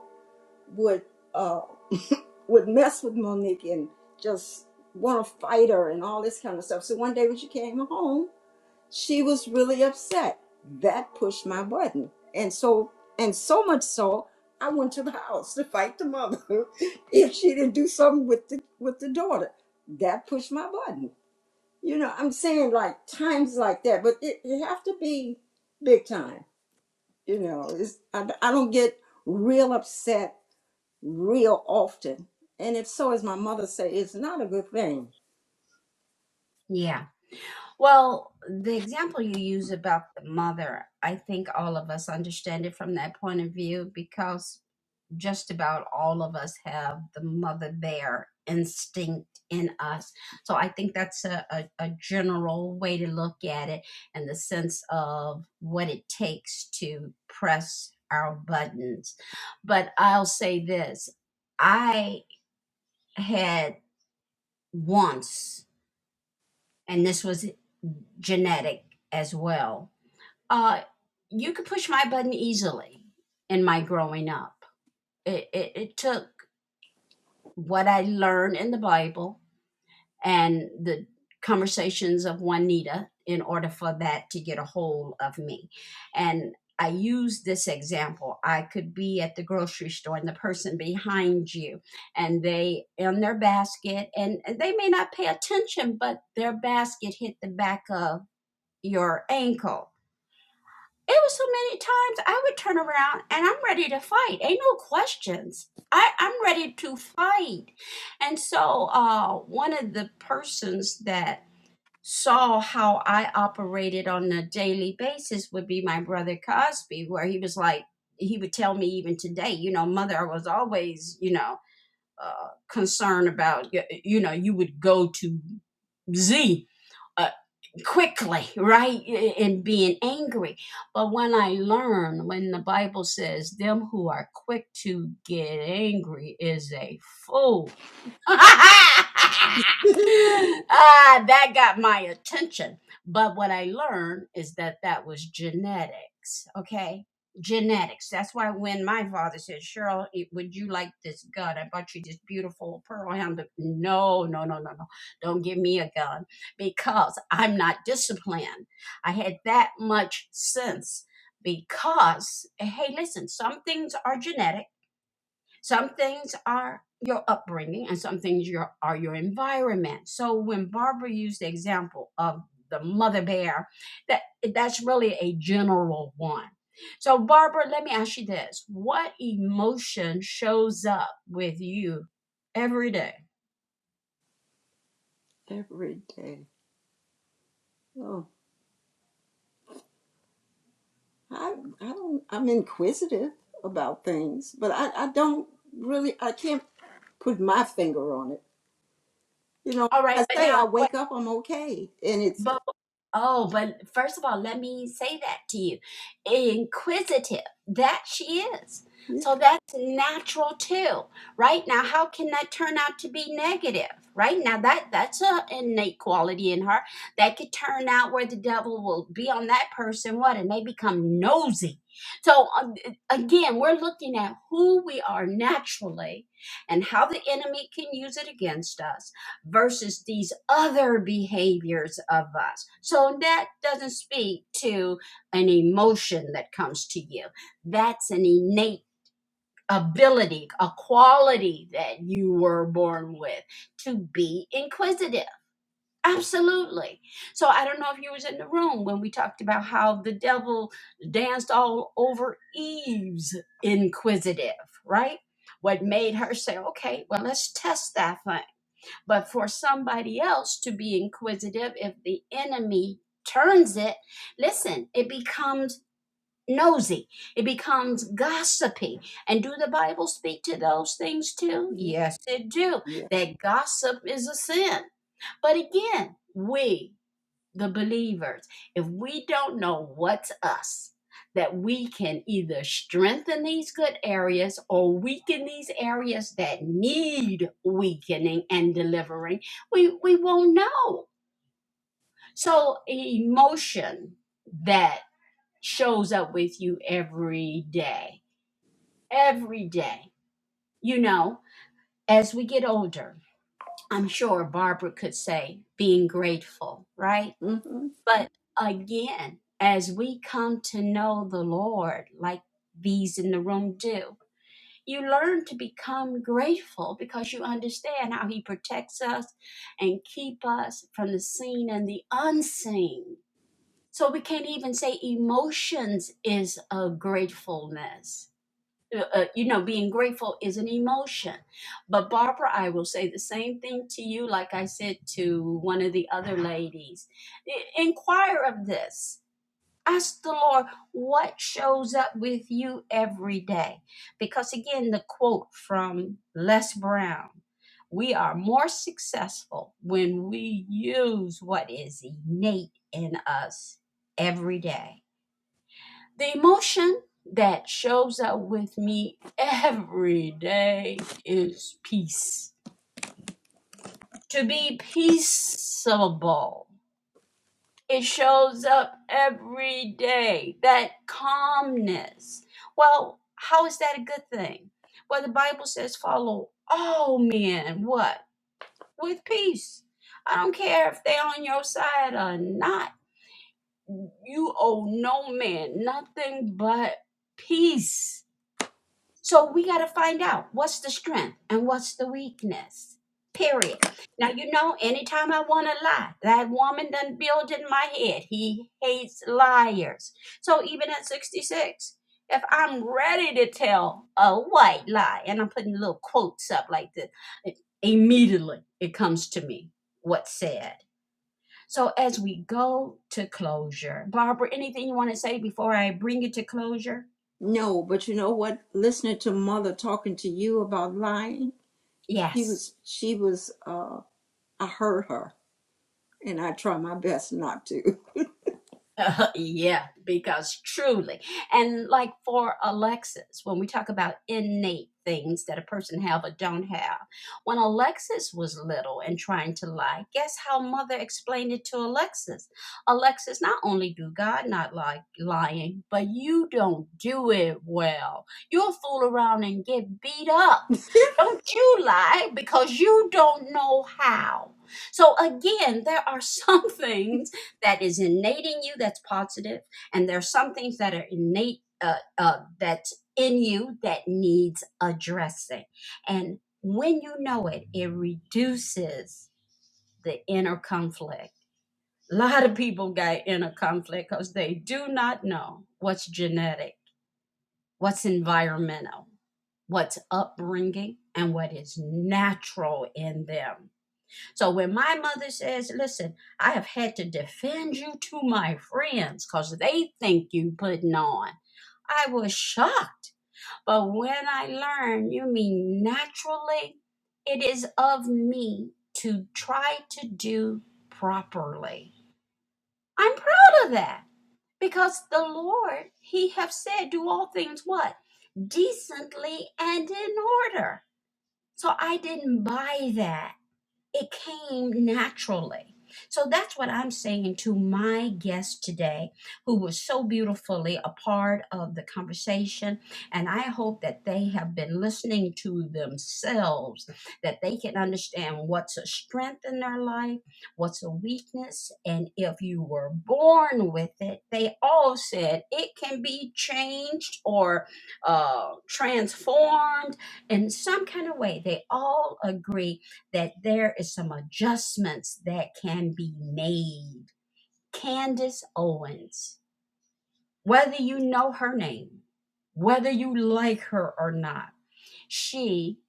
S5: would uh would mess with Monique and just want to fight her and all this kind of stuff. So one day when she came home she was really upset. That pushed my button. And so and so much so I went to the house to fight the mother if she didn't do something with the with the daughter. That pushed my button. You know, I'm saying like times like that, but it, it have to be big time. You know, it's, I, I don't get real upset real often. And if so, as my mother say, it's not a good thing
S1: Yeah. Well, the example you use about the mother, I think all of us understand it from that point of view because just about all of us have the mother bear instinct in us. So I think that's a, a, a general way to look at it and the sense of what it takes to press our buttons. But I'll say this I had once, and this was genetic as well, uh, you could push my button easily in my growing up. It, it, it took what I learned in the Bible and the conversations of Juanita in order for that to get a hold of me. And I use this example. I could be at the grocery store and the person behind you and they on their basket and, and they may not pay attention, but their basket hit the back of your ankle it was so many times I would turn around and I'm ready to fight. Ain't no questions. I, I'm ready to fight. And so uh, one of the persons that saw how I operated on a daily basis would be my brother Cosby, where he was like, he would tell me even today, you know, mother, I was always, you know, uh, concerned about, you know, you would go to Z Uh, quickly, right? And being angry. But when I learn, when the Bible says, them who are quick to get angry is a fool ah, that got my attention. But what I learned is that that was genetics. Okay. Genetics. That's why when my father said, Cheryl, eh, would you like this gun? I bought you this beautiful pearl handle. No, no, no, no, no. Don't give me a gun because I'm not disciplined. I had that much sense because, hey, listen, some things are genetic some things are your upbringing, and some things your, are your environment. So when Barbara used the example of the mother bear, that that's really a general one. So Barbara, let me ask you this: What emotion shows up with you every day?
S5: every day. Oh. I I don't I'm inquisitive about things, but I, I don't really I can't put my finger on it. You know,
S1: All right,
S5: like I
S1: but
S5: say I
S1: now what?
S5: wake up I'm okay, and it's
S1: But. Oh, but first of all, let me say that to you. Inquisitive, that she is.
S5: yeah
S1: So that's natural too, right? Now, how can that turn out to be negative, right? Now, that that's an innate quality in her that could turn out where the devil will be on that person, what, and they become nosy. So um, again, we're looking at who we are naturally and how the enemy can use it against us versus these other behaviors of us. So that doesn't speak to an emotion that comes to you. That's an innate ability, a quality that you were born with to be inquisitive. Absolutely. So I don't know if you was in the room when we talked about how the devil danced all over Eve's inquisitive, right? What made her say, okay, well, let's test that but for somebody else to be inquisitive, if the enemy turns it, listen, it becomes nosy, it becomes gossipy. And do the Bible speak to those things too?
S5: yeah.
S1: Yes, it do.
S5: yeah.
S1: That gossip is a sin. But again, we the believers, if we don't know what's us, that we can either strengthen these good areas or weaken these areas that need weakening and delivering, we, we won't know. So, e, emotion that shows up with you every day, every day, you know, as we get older, I'm sure Barbara could say being grateful, right?
S5: hmm
S1: But again, as we come to know the Lord, like these in the room do, you learn to become grateful because you understand how He protects us and keep us from the seen and the unseen. So we can't even say emotions is a gratefulness. Uh, uh, you know, being grateful is an emotion. But Barbara, I will say the same thing to you, like I said to one of the other ladies. I- Inquire of this Ask the Lord what shows up with you every day. Because again, the quote from Les Brown we are more successful when we use what is innate in us every day. The emotion that shows up with me every day is peace. To be peaceable It shows up every day, that calmness. Well, how is that a good thing? Well, the Bible says, follow all men, what? With peace. I don't care if they're on your side or not. You owe no man nothing but peace. So we got to find out what's the strength and what's the weakness. Period. Now you know, anytime I want to lie, that woman done build in my head. He hates liars. So even at 66, if I'm ready to tell a white lie, and I'm putting little quotes up like this, it- immediately it comes to me what's said. So as we go to closure, Barbara, anything you want to say before I bring it to closure?
S5: No, but you know what? Listening to mother talking to you about lying, she
S1: Yes.
S5: was she was uh I heard her, and I try my best not to.
S1: Uh, yeah, because truly, and like for Alexis, when we talk about innate things that a person have or don't have, when Alexis was little and trying to lie, guess how mother explained it to Alexis? Alexis, not only do God not like lying, but you don't do it well. You'll fool around and get beat up. Don't you lie because you don't know how. So again, there are some things that is innate in you that's positive, and there's some things that are innate uh, uh, that's in you that needs addressing. And when you know it, it reduces the inner conflict. A lot of people got inner conflict because they do not know what's genetic, what's environmental, what's upbringing, and what is natural in them so when my mother says, listen, I have had to defend you to my friends because they think you putting on, I was shocked. But when I learned, you mean naturally, it is of me to try to do properly. I'm proud of that because the Lord, He have said, do all things what? Decently and in order. So I didn't buy that. it came naturally. So that's what I'm saying to my guest today, who was so beautifully a part of the conversation. And I hope that they have been listening to themselves, that they can understand what's a strength in their life, what's a weakness. And if you were born with it, they all said it can be changed or uh, transformed in some kind of way. They all agree that there is some adjustments that can be made. Candace Owens, whether you know her name, whether you like her or not, she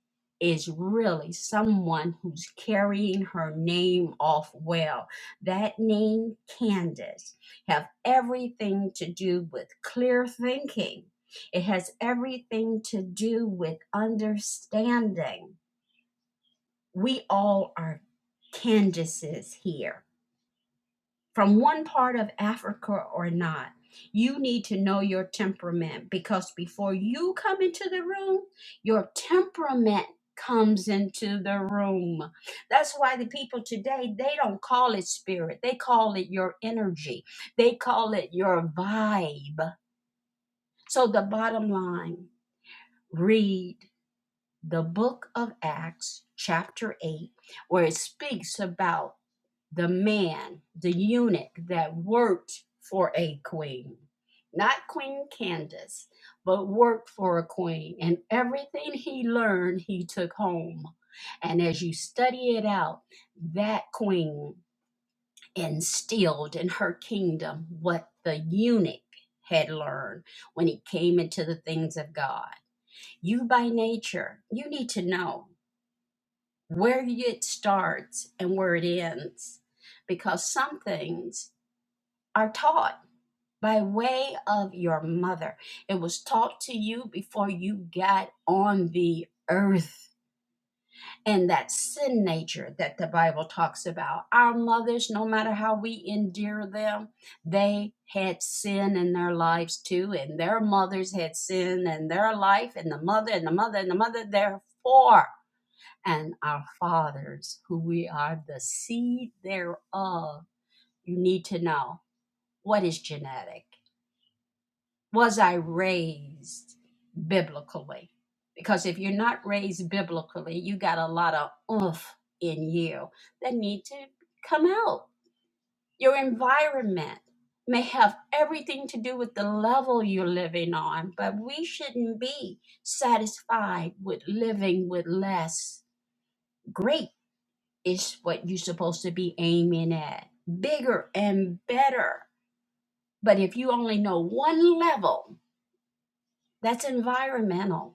S1: is really someone who's carrying her name off well. That name, Candace, have everything to do with clear thinking. It has everything to do with understanding we all are Candaces here from one part of Africa or not. You need to know your temperament because before you come into the room, your temperament comes into the room. That's why the people today, they don't call it spirit. They call it your energy. They call it your vibe. So the bottom line, read the book of Acts chapter 8 where it speaks about the man, the eunuch that worked for a queen, not Queen Candace, but worked for a queen. And everything he learned, he took home. And as you study it out, that queen instilled in her kingdom what the eunuch had learned when he came into the things of God. You, by nature, you need to know where it starts and where it ends because some things are taught by way of your mother. It was taught to you before you got on the earth. And that sin nature that the Bible talks about. Our mothers, no matter how we endear them, they had sin in their lives too, and their mothers had sin in their life, and the mother, and the mother, and the mother, therefore. And our fathers, who we are the seed thereof, you need to know what is genetic Was I raised biblically? Because if you're not raised biblically, you got a lot of oomph in you that need to come out. Your environment may have everything to do with the level you're living on, but we shouldn't be satisfied with living with less. Great is what you're supposed to be aiming at, bigger and better. But if you only know one level, that's environmental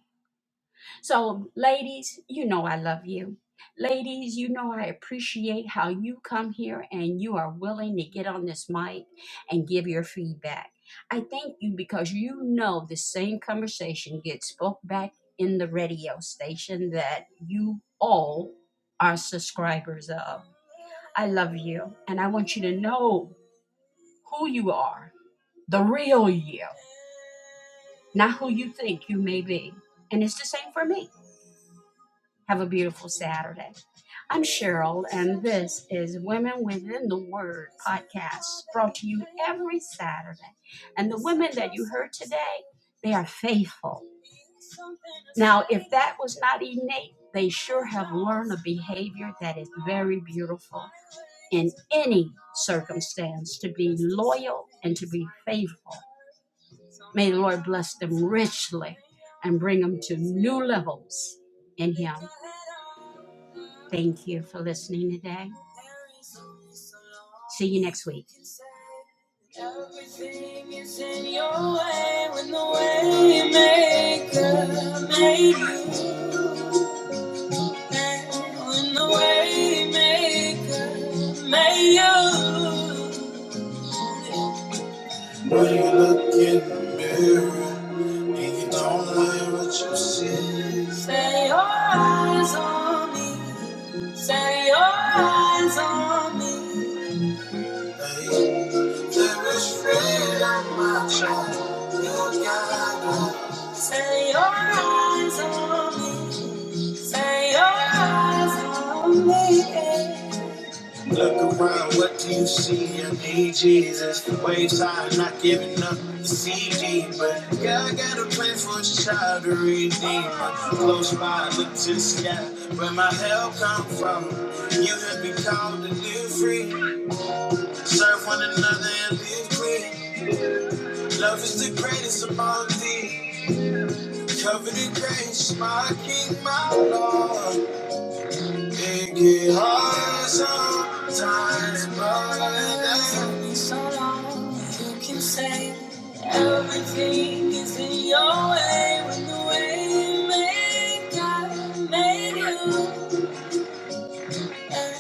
S1: So, ladies, you know I love you. Ladies, you know I appreciate how you come here and you are willing to get on this mic and give your feedback. I thank you because you know the same conversation gets spoke back in the radio station that you all are subscribers of. I love you and I want you to know who you are, the real you, not who you think you may be. And it's the same for me. Have a beautiful Saturday. I'm Cheryl, and this is Women Within the Word podcast brought to you every Saturday. And the women that you heard today, they are faithful. Now, if that was not innate, they sure have learned a behavior that is very beautiful in any circumstance to be loyal and to be faithful. May the Lord bless them richly and bring them to new levels in Him. Thank you for listening today. See you next week. Everything is in your way when the way made you. And when the way made you. When you look in the mirror and you don't like what you see. Stay your eyes on me. Stay your eyes on me. Hey, there is freedom, my child. God. Say your eyes on me. Say your eyes on me. Look around, what do you see? I need Jesus. The waves are not giving up the CD, but God got a plan for his child to redeem. Close by, I look to the sky, where my help come from. You have been called to live free, serve one another and live free. Love is the greatest of all these. Covered in grace, my King, my Lord. It get hard sometimes, but it ain't so long. You can say everything is in your way when the way maker made you, and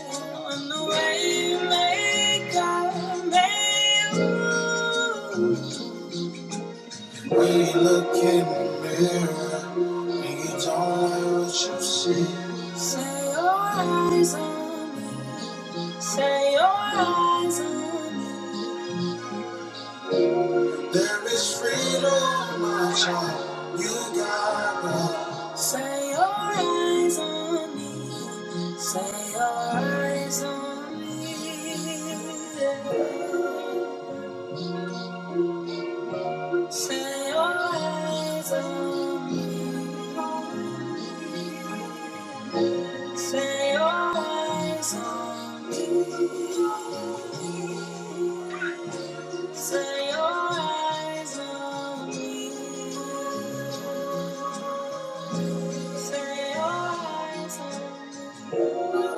S1: when the way maker made you. When you look in the mirror, we don't know what you see. Say your eyes on me, say your eyes on me. There is freedom, my child, you got it. Say your eyes on me, say your eyes on me. Say your eyes on me. Say your eyes on me. Say your eyes on me. Say your eyes on me.